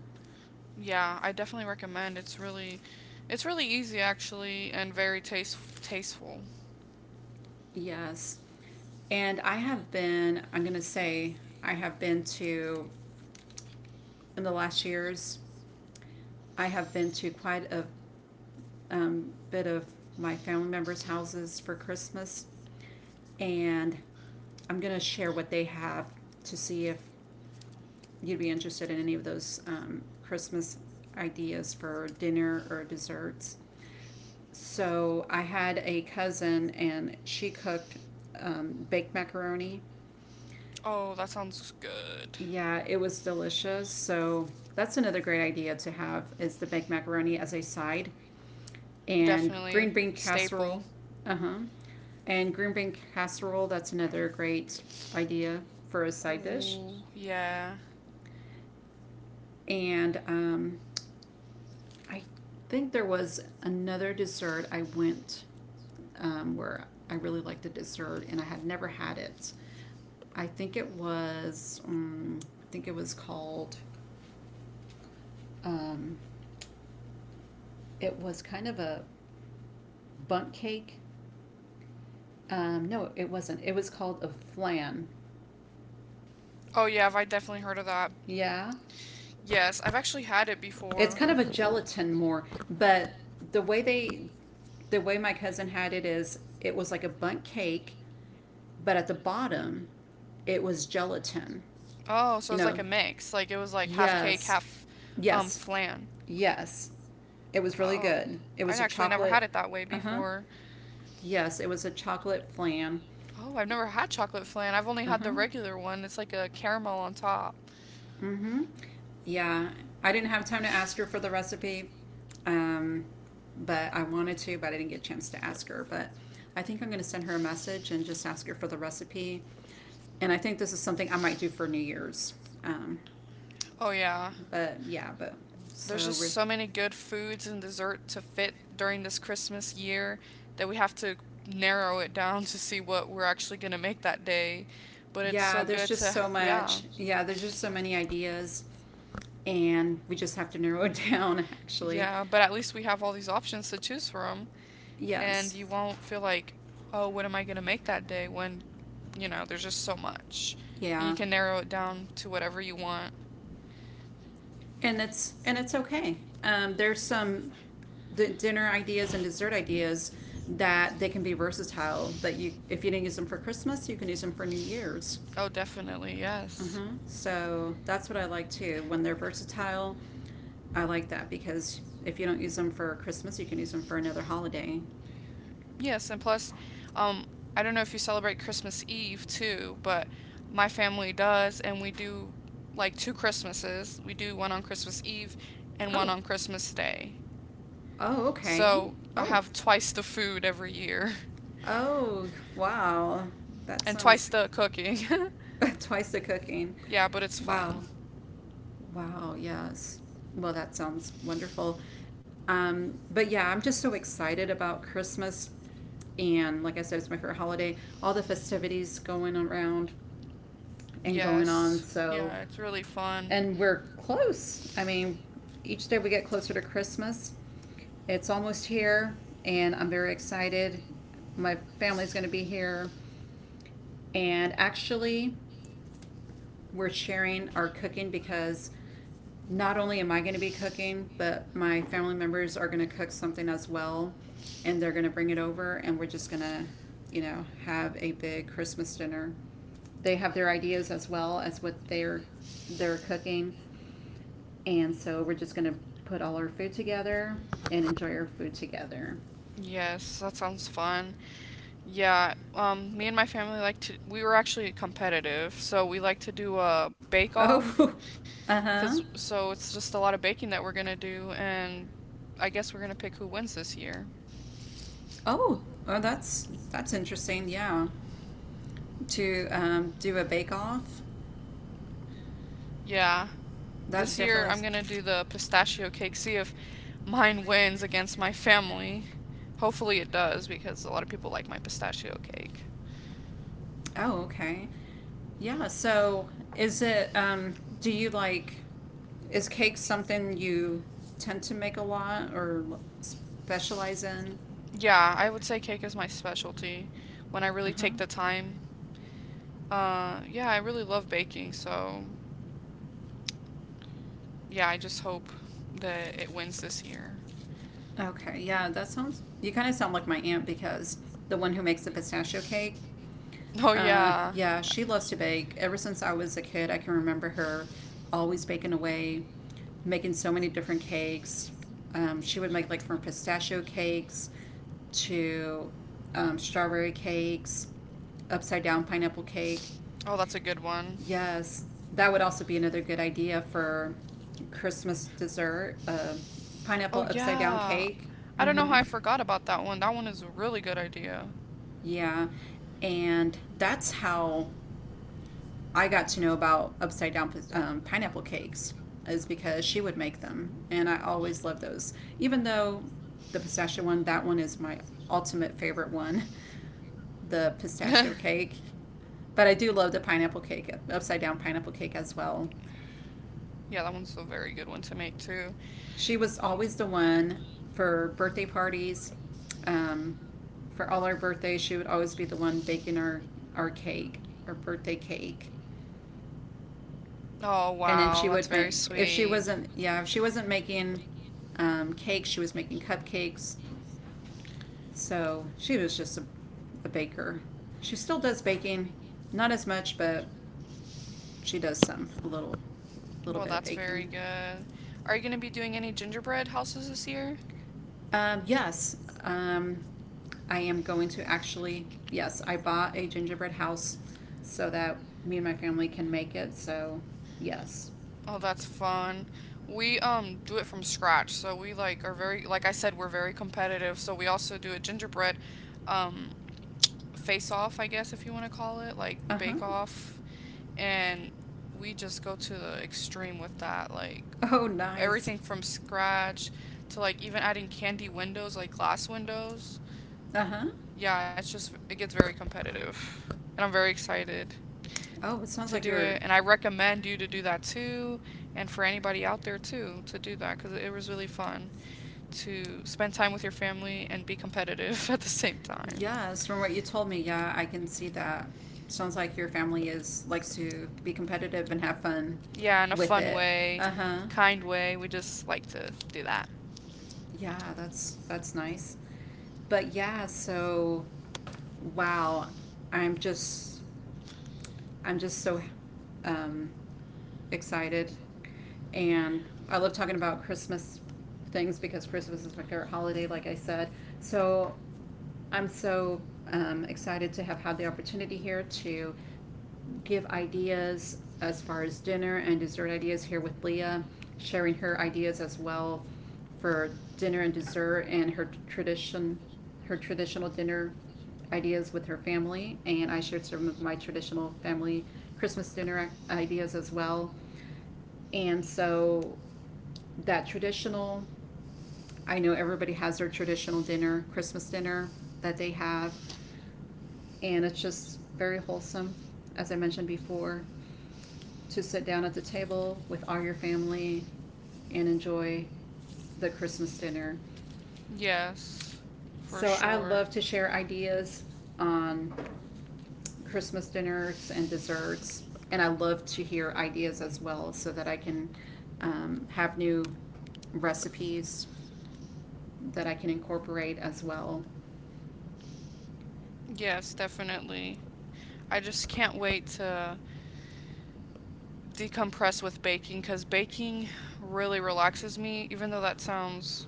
[SPEAKER 2] Yeah, I definitely recommend. It's really it's really easy actually, and very taste tasteful.
[SPEAKER 1] Yes. And I have been, I'm going to say, I have been to, in the last years, I have been to quite a um, bit of my family members' houses for Christmas. And I'm going to share what they have to see if you'd be interested in any of those um, Christmas ideas for dinner or desserts. So I had a cousin and she cooked um, baked macaroni.
[SPEAKER 2] Oh, that sounds good.
[SPEAKER 1] Yeah, it was delicious. So that's another great idea to have is the baked macaroni as a side, and
[SPEAKER 2] Definitely
[SPEAKER 1] green bean
[SPEAKER 2] staple.
[SPEAKER 1] casserole. Uh huh. And green bean casserole, that's another great idea for a side dish.
[SPEAKER 2] Ooh, yeah.
[SPEAKER 1] And um, I think there was another dessert I went um, where I really liked the dessert and I had never had it. I think it was, um, I think it was called, um, it was kind of a bunt cake. Um, no, it wasn't. It was called a flan.
[SPEAKER 2] Oh yeah, I've I definitely heard of that.
[SPEAKER 1] Yeah.
[SPEAKER 2] Yes, I've actually had it
[SPEAKER 1] It's
[SPEAKER 2] before.
[SPEAKER 1] kind of a gelatin more, but the way they, the way my cousin had it is it was like a bunt cake. But at the bottom, it was gelatin.
[SPEAKER 2] Oh, so it
[SPEAKER 1] You
[SPEAKER 2] was like
[SPEAKER 1] know,
[SPEAKER 2] a mix. Like it was like half cake,
[SPEAKER 1] yes,
[SPEAKER 2] half um
[SPEAKER 1] yes,
[SPEAKER 2] flan.
[SPEAKER 1] yes. It was really
[SPEAKER 2] Oh.
[SPEAKER 1] good. It was
[SPEAKER 2] I'd
[SPEAKER 1] a
[SPEAKER 2] actually never
[SPEAKER 1] chocolate.
[SPEAKER 2] had it that way
[SPEAKER 1] Uh huh.
[SPEAKER 2] before.
[SPEAKER 1] Yes, it was a chocolate flan.
[SPEAKER 2] Oh, I've never had chocolate flan. I've only
[SPEAKER 1] Uh
[SPEAKER 2] had the
[SPEAKER 1] huh.
[SPEAKER 2] regular one. It's like a caramel on top.
[SPEAKER 1] Mm-hmm. Yeah, I didn't have time to ask her for the recipe, um, but I wanted to, but I didn't get a chance to ask her. But I think I'm going to send her a message and just ask her for the recipe. And I think this is something I might do for New Year's. Um,
[SPEAKER 2] Oh yeah.
[SPEAKER 1] but yeah, but
[SPEAKER 2] There's
[SPEAKER 1] so
[SPEAKER 2] just
[SPEAKER 1] we're
[SPEAKER 2] so many good foods and dessert to fit during this Christmas year that we have to narrow it down to see what we're actually going to make that day. But it's
[SPEAKER 1] Yeah,
[SPEAKER 2] so
[SPEAKER 1] there's
[SPEAKER 2] good
[SPEAKER 1] just
[SPEAKER 2] to
[SPEAKER 1] so
[SPEAKER 2] yeah.
[SPEAKER 1] much. Yeah, there's just so many ideas, and we just have to narrow it down, actually.
[SPEAKER 2] Yeah, but at least we have all these options to choose from. And
[SPEAKER 1] Yes.
[SPEAKER 2] you won't feel like, oh, what am I going to make that day when, you know, there's just so much. And you
[SPEAKER 1] Yeah.
[SPEAKER 2] can narrow it down to whatever you want.
[SPEAKER 1] And it's and it's okay. Um, there's some the dinner ideas and dessert ideas that they can be versatile. That you, if you didn't use them for Christmas, you can use them for New Year's.
[SPEAKER 2] Oh, definitely, yes.
[SPEAKER 1] Uh-huh. So that's what I like too. When they're versatile, I like that because if you don't use them for Christmas, you can use them for another holiday.
[SPEAKER 2] Yes, and plus, um, I don't know if you celebrate Christmas Eve too, but my family does, and we do like two Christmases. We do one on Christmas Eve and one
[SPEAKER 1] Oh.
[SPEAKER 2] on Christmas Day.
[SPEAKER 1] Oh, okay.
[SPEAKER 2] So I
[SPEAKER 1] Oh.
[SPEAKER 2] have twice the food every year
[SPEAKER 1] Oh, wow. That
[SPEAKER 2] and twice
[SPEAKER 1] sounds
[SPEAKER 2] the cooking.
[SPEAKER 1] twice the cooking.
[SPEAKER 2] Yeah, but it's
[SPEAKER 1] Wow.
[SPEAKER 2] fun.
[SPEAKER 1] Wow, yes. Well, that sounds wonderful. Um, but yeah, I'm just so excited about Christmas. And like I said, it's my favorite holiday. All the festivities going around and going on.
[SPEAKER 2] Yes.
[SPEAKER 1] So,
[SPEAKER 2] Yeah, it's really fun.
[SPEAKER 1] and we're close. I mean, each day we get closer to Christmas. It's almost here, and I'm very excited. My family's going to be here. And actually, we're sharing our cooking because not only am I going to be cooking, but my family members are going to cook something as well, and they're going to bring it over, and we're just going to, you know, have a big Christmas dinner. They have their ideas as well as what they're they're cooking, and so we're just going to put all our food together and enjoy our food together.
[SPEAKER 2] Yes, that sounds fun. Yeah, um, me and my family like to. We were actually competitive, so we like to do a bake off.
[SPEAKER 1] Oh, uh-huh.
[SPEAKER 2] Cause so it's just a lot of baking that we're gonna do, and I guess we're gonna pick who wins this year.
[SPEAKER 1] Oh, oh, that's that's interesting. Yeah, to um, do a bake off,
[SPEAKER 2] Yeah,
[SPEAKER 1] that
[SPEAKER 2] this year
[SPEAKER 1] definitely.
[SPEAKER 2] I'm
[SPEAKER 1] s-
[SPEAKER 2] gonna do the pistachio cake. See if mine wins against my family. Hopefully it does, because a lot of people like my pistachio cake.
[SPEAKER 1] Oh, okay. Yeah. So, is it? Um, do you like? Is cake something you tend to make a lot or l- specialize in?
[SPEAKER 2] Yeah, I would say cake is my specialty when I
[SPEAKER 1] Uh
[SPEAKER 2] really
[SPEAKER 1] huh.
[SPEAKER 2] take the time. Uh, yeah, I really love baking, so yeah, I just hope that it wins this year.
[SPEAKER 1] Okay. Yeah, that sounds. You kind of sound like my aunt because the one who makes the pistachio cake,
[SPEAKER 2] Oh,
[SPEAKER 1] uh,
[SPEAKER 2] yeah.
[SPEAKER 1] yeah, she loves to bake. Ever since I was a kid, I can remember her always baking away, making so many different cakes. Um, she would make like from pistachio cakes to um, strawberry cakes, upside down pineapple cake.
[SPEAKER 2] Oh, that's a good one.
[SPEAKER 1] Yes, that would also be another good idea for Christmas dessert uh, pineapple
[SPEAKER 2] Oh,
[SPEAKER 1] upside down
[SPEAKER 2] yeah.
[SPEAKER 1] cake.
[SPEAKER 2] I don't know how I
[SPEAKER 1] Hmm.
[SPEAKER 2] forgot about that one. That one is a really good idea.
[SPEAKER 1] Yeah, and that's how I got to know about upside down um, pineapple cakes is because she would make them, and I always loved those. Even though the pistachio one, that one is my ultimate favorite one,
[SPEAKER 2] Yeah,
[SPEAKER 1] the pistachio cake. But I do love the pineapple cake, upside down pineapple cake as well.
[SPEAKER 2] that one's a very good one to make too.
[SPEAKER 1] She was always the one for birthday parties. Um, for all our birthdays, she would always be the one baking our, our cake, our birthday cake.
[SPEAKER 2] Oh,
[SPEAKER 1] And then
[SPEAKER 2] wow,
[SPEAKER 1] she
[SPEAKER 2] that's
[SPEAKER 1] would
[SPEAKER 2] very
[SPEAKER 1] make if she
[SPEAKER 2] sweet.
[SPEAKER 1] wasn't yeah, if she wasn't making um, cakes, she was making cupcakes. So she was just a, a baker. She still does baking, not as much, but she does some a little little
[SPEAKER 2] Well,
[SPEAKER 1] bit of
[SPEAKER 2] that's very
[SPEAKER 1] baking.
[SPEAKER 2] good. Are you going to be doing any gingerbread houses this year?
[SPEAKER 1] Um, yes, um, I am going to, actually. Yes, I bought a gingerbread house so that me and my family can make it. So yes.
[SPEAKER 2] Oh, that's fun. We um do it from scratch. So we like are very, like I said, we're very competitive. So we also do a gingerbread um face off, I guess, if you want to call it, like
[SPEAKER 1] Uh-huh.
[SPEAKER 2] bake off, and we just go to the extreme with that, like
[SPEAKER 1] Oh, nice.
[SPEAKER 2] everything from scratch to like even adding candy windows, like glass windows.
[SPEAKER 1] Uh huh.
[SPEAKER 2] Yeah, it's just it gets very competitive. And I'm very excited
[SPEAKER 1] Oh, it sounds
[SPEAKER 2] to
[SPEAKER 1] like
[SPEAKER 2] do
[SPEAKER 1] you're.
[SPEAKER 2] it, and I recommend you to do that too, and for anybody out there too, to do that, because it was really fun to spend time with your family and be competitive at the same time.
[SPEAKER 1] Yes, from what you told me, yeah, I can see that. Sounds like your family is likes to be competitive and have fun
[SPEAKER 2] Yeah, in a
[SPEAKER 1] with
[SPEAKER 2] fun
[SPEAKER 1] it.
[SPEAKER 2] way,
[SPEAKER 1] Uh huh.
[SPEAKER 2] kind way, we just like to do that.
[SPEAKER 1] Yeah, that's that's nice. But yeah, so wow, I'm just I'm just so um, excited, and I love talking about Christmas things because Christmas is my favorite holiday, like I said. So I'm so um, excited to have had the opportunity here to give ideas as far as dinner and dessert ideas here with Leah, sharing her ideas as well for dinner and dessert and her tradition, her traditional dinner ideas with her family. And I shared some of my traditional family Christmas dinner ideas as well. And so that traditional I know everybody has their traditional dinner, Christmas dinner that they have, and it's just very wholesome, as I mentioned before, to sit down at the table with all your family and enjoy the Christmas dinner.
[SPEAKER 2] Yes, for
[SPEAKER 1] So I
[SPEAKER 2] sure.
[SPEAKER 1] love to share ideas on Christmas dinners and desserts, and I love to hear ideas as well so that I can um, have new recipes that I can incorporate as well.
[SPEAKER 2] Yes, definitely. I just can't wait to decompress with baking, because baking really relaxes me, even though that sounds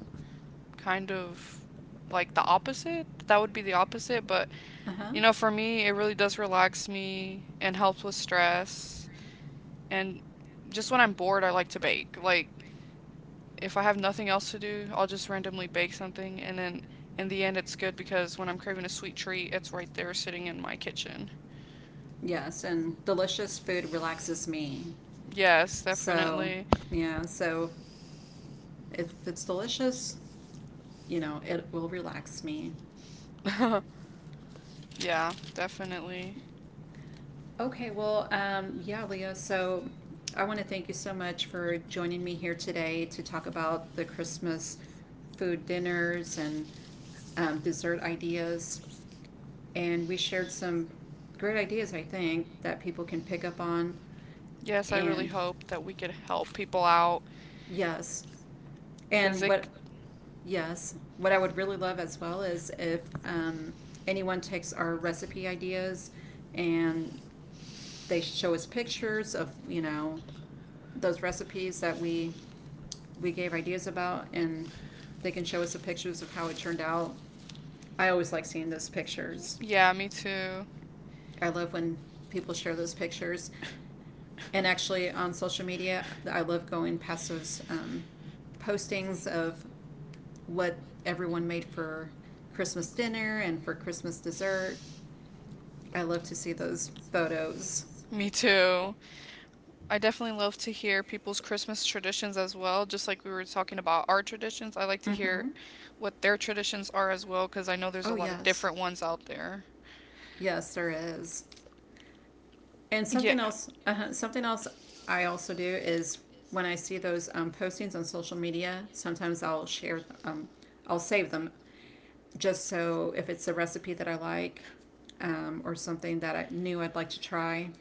[SPEAKER 2] kind of like the opposite. That would be the opposite, but
[SPEAKER 1] Uh huh.
[SPEAKER 2] you know, for me, it really does relax me and helps with stress. And just when I'm bored, I like to bake. Like, if I have nothing else to do, I'll just randomly bake something, and then in the end it's good because when I'm craving a sweet treat, it's right there sitting in my kitchen.
[SPEAKER 1] Yes, and delicious food relaxes me.
[SPEAKER 2] Yes,
[SPEAKER 1] So,
[SPEAKER 2] definitely.
[SPEAKER 1] yeah, so if it's delicious, you know, it will relax me.
[SPEAKER 2] Yeah, definitely.
[SPEAKER 1] Okay, well, um, yeah, Leah. So I want to thank you so much for joining me here today to talk about the Christmas food dinners and um, dessert ideas. And we shared some great ideas, I think, that people can pick up on.
[SPEAKER 2] Yes, I really
[SPEAKER 1] And
[SPEAKER 2] hope that we could help people out.
[SPEAKER 1] yes,
[SPEAKER 2] Cuz
[SPEAKER 1] and what,
[SPEAKER 2] it
[SPEAKER 1] yes, what I would really love as well is if um, anyone takes our recipe ideas and they show us pictures of you know those recipes that we we gave ideas about, and they can show us the pictures of how it turned out. I always like seeing those pictures.
[SPEAKER 2] Yeah, me too.
[SPEAKER 1] I love when people share those pictures. And actually, on social media, I love going past those um, postings of what everyone made for Christmas dinner and for Christmas dessert. I love to see those photos.
[SPEAKER 2] Me too. I definitely love to hear people's Christmas traditions as well. Just like we were talking about our traditions, I like to
[SPEAKER 1] Mm-hmm.
[SPEAKER 2] hear what their traditions are as well, because I know there's a
[SPEAKER 1] Oh
[SPEAKER 2] lot of
[SPEAKER 1] yes,
[SPEAKER 2] different ones out there.
[SPEAKER 1] yes there is. And something
[SPEAKER 2] Yeah.
[SPEAKER 1] else, uh, something else I also do is when I see those um, postings on social media, sometimes I'll share, th- um, I'll save them just so if it's a recipe that I like, um, or something that I knew I'd like to try,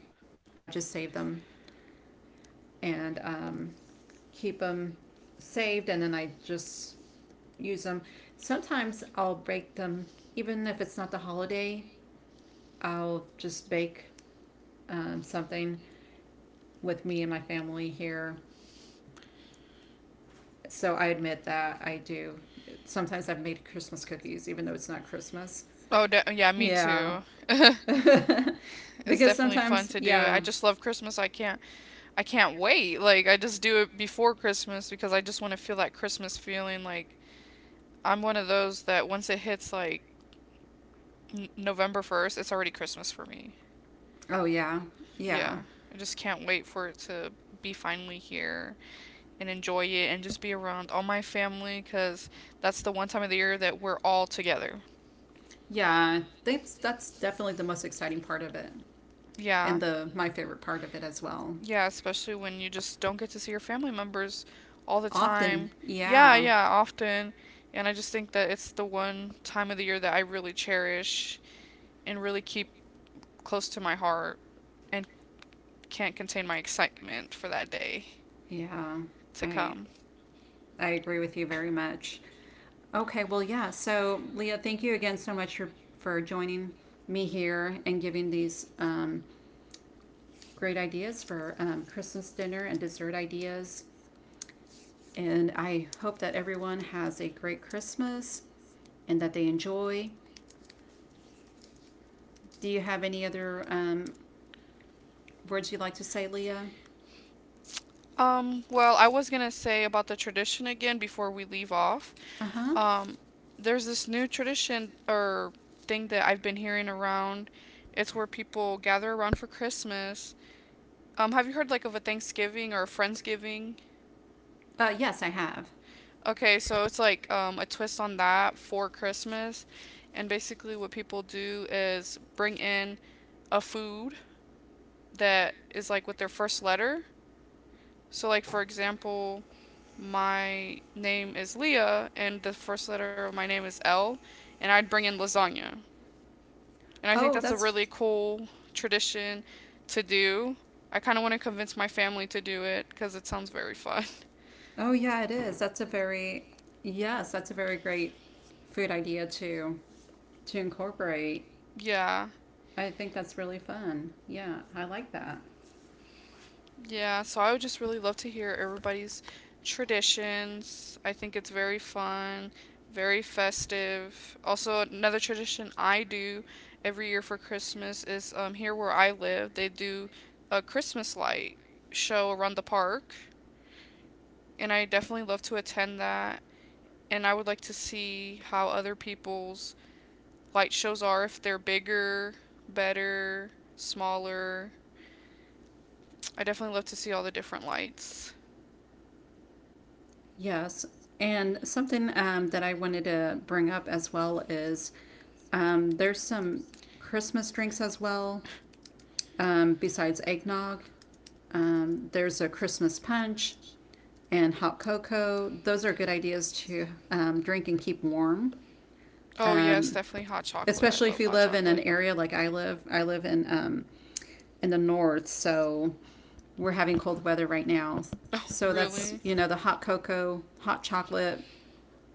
[SPEAKER 1] I just save them and um, keep them saved, and then I just use them. Sometimes I'll bake them, even if it's not the holiday. I'll just bake um, something with me and my family here. So I admit that I do. Sometimes I've made Christmas cookies, even though it's not Christmas.
[SPEAKER 2] Oh, de- yeah, me
[SPEAKER 1] Yeah.
[SPEAKER 2] too. It's
[SPEAKER 1] because
[SPEAKER 2] definitely fun
[SPEAKER 1] sometimes,
[SPEAKER 2] to do it. I
[SPEAKER 1] yeah.
[SPEAKER 2] just love Christmas. I can't I can't wait. Like I just do it before Christmas because I just want to feel that Christmas feeling. Like I'm one of those that once it hits like n- November first, it's already Christmas for me.
[SPEAKER 1] Oh, yeah. Yeah.
[SPEAKER 2] Yeah. I just can't wait for it to be finally here and enjoy it and just be around all my family because that's the one time of the year that we're all together.
[SPEAKER 1] Yeah. That's, that's definitely the most exciting part of it
[SPEAKER 2] Yeah.
[SPEAKER 1] and the my favorite part of it as well.
[SPEAKER 2] Yeah, especially when you just don't get to see your family members all the
[SPEAKER 1] Often,
[SPEAKER 2] time. Yeah,
[SPEAKER 1] yeah.
[SPEAKER 2] yeah, often. And I just think that it's the one time of the year that I really cherish and really keep close to my heart and can't contain my excitement for that day
[SPEAKER 1] Yeah.
[SPEAKER 2] to
[SPEAKER 1] I
[SPEAKER 2] come.
[SPEAKER 1] I agree with you very much. Okay, well, yeah. So, Leah, thank you again so much for, for joining me here and giving these um, great ideas for um, Christmas dinner and dessert ideas. And I hope that everyone has a great Christmas and that they enjoy. Do you have any other um, words you'd like to say, Leah?
[SPEAKER 2] Um, well, I was gonna say about the tradition again before we leave off.
[SPEAKER 1] Uh huh.
[SPEAKER 2] Um, there's this new tradition or thing that I've been hearing around. It's where people gather around for Christmas. Um, have you heard like of a Thanksgiving or a Friendsgiving?
[SPEAKER 1] Uh, yes, I have.
[SPEAKER 2] Okay, so it's like um, a twist on that for Christmas. And basically, what people do is bring in a food that is like with their first letter. So, like, for example, my name is Leah and the first letter of my name is L, and I'd bring in lasagna. And I think
[SPEAKER 1] Oh,
[SPEAKER 2] that's a
[SPEAKER 1] that's—
[SPEAKER 2] really cool tradition to do. I kind of want to convince my family to do it because it sounds very fun.
[SPEAKER 1] Oh yeah, it is. That's a very yes, that's a very great food idea to to incorporate.
[SPEAKER 2] Yeah.
[SPEAKER 1] I think that's really fun. Yeah, I like that.
[SPEAKER 2] Yeah, so I would just really love to hear everybody's traditions. I think it's very fun, very festive. Also, another tradition I do every year for Christmas is um, here where I live, they do a Christmas light show around the park, and I definitely love to attend that. And I would like to see how other people's light shows are, if they're bigger, better, smaller. I definitely love to see all the different lights.
[SPEAKER 1] Yes. And something um, that I wanted to bring up as well is um, there's some Christmas drinks as well, um, besides eggnog. Um, there's a Christmas punch and hot cocoa. Those are good ideas to um, drink and keep warm.
[SPEAKER 2] Oh yes,
[SPEAKER 1] Um,
[SPEAKER 2] definitely hot chocolate. I
[SPEAKER 1] Especially if
[SPEAKER 2] love
[SPEAKER 1] you
[SPEAKER 2] hot
[SPEAKER 1] live in an
[SPEAKER 2] chocolate.
[SPEAKER 1] area like I live. I live in um, in the north, so we're having cold weather right now.
[SPEAKER 2] Oh,
[SPEAKER 1] So that's,
[SPEAKER 2] really?
[SPEAKER 1] you know the hot cocoa, hot chocolate.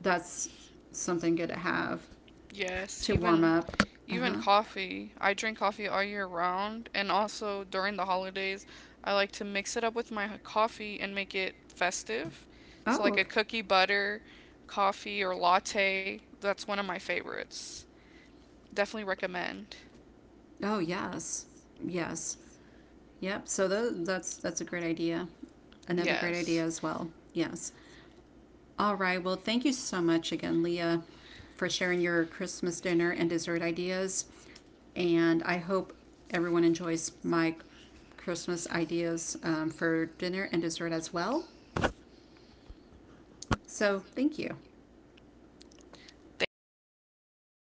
[SPEAKER 1] That's something good to have
[SPEAKER 2] Yes,
[SPEAKER 1] to warm
[SPEAKER 2] even
[SPEAKER 1] up. Uh
[SPEAKER 2] even
[SPEAKER 1] huh.
[SPEAKER 2] coffee. I drink coffee all year round, and also during the holidays, I like to mix it up with my h- coffee and make it festive. So
[SPEAKER 1] Oh,
[SPEAKER 2] like a
[SPEAKER 1] okay.
[SPEAKER 2] cookie butter coffee or latte, that's one of my favorites. Definitely recommend.
[SPEAKER 1] Oh, yes. Yes. Yep. So tho- that's that's a great idea. Another great idea
[SPEAKER 2] Yes.
[SPEAKER 1] as well. Yes. All right. Well, thank you so much again, Leah, for sharing your Christmas dinner and dessert ideas. And I hope everyone enjoys my Christmas ideas um, for dinner and dessert as well. So, thank you.
[SPEAKER 2] Thank you for having me.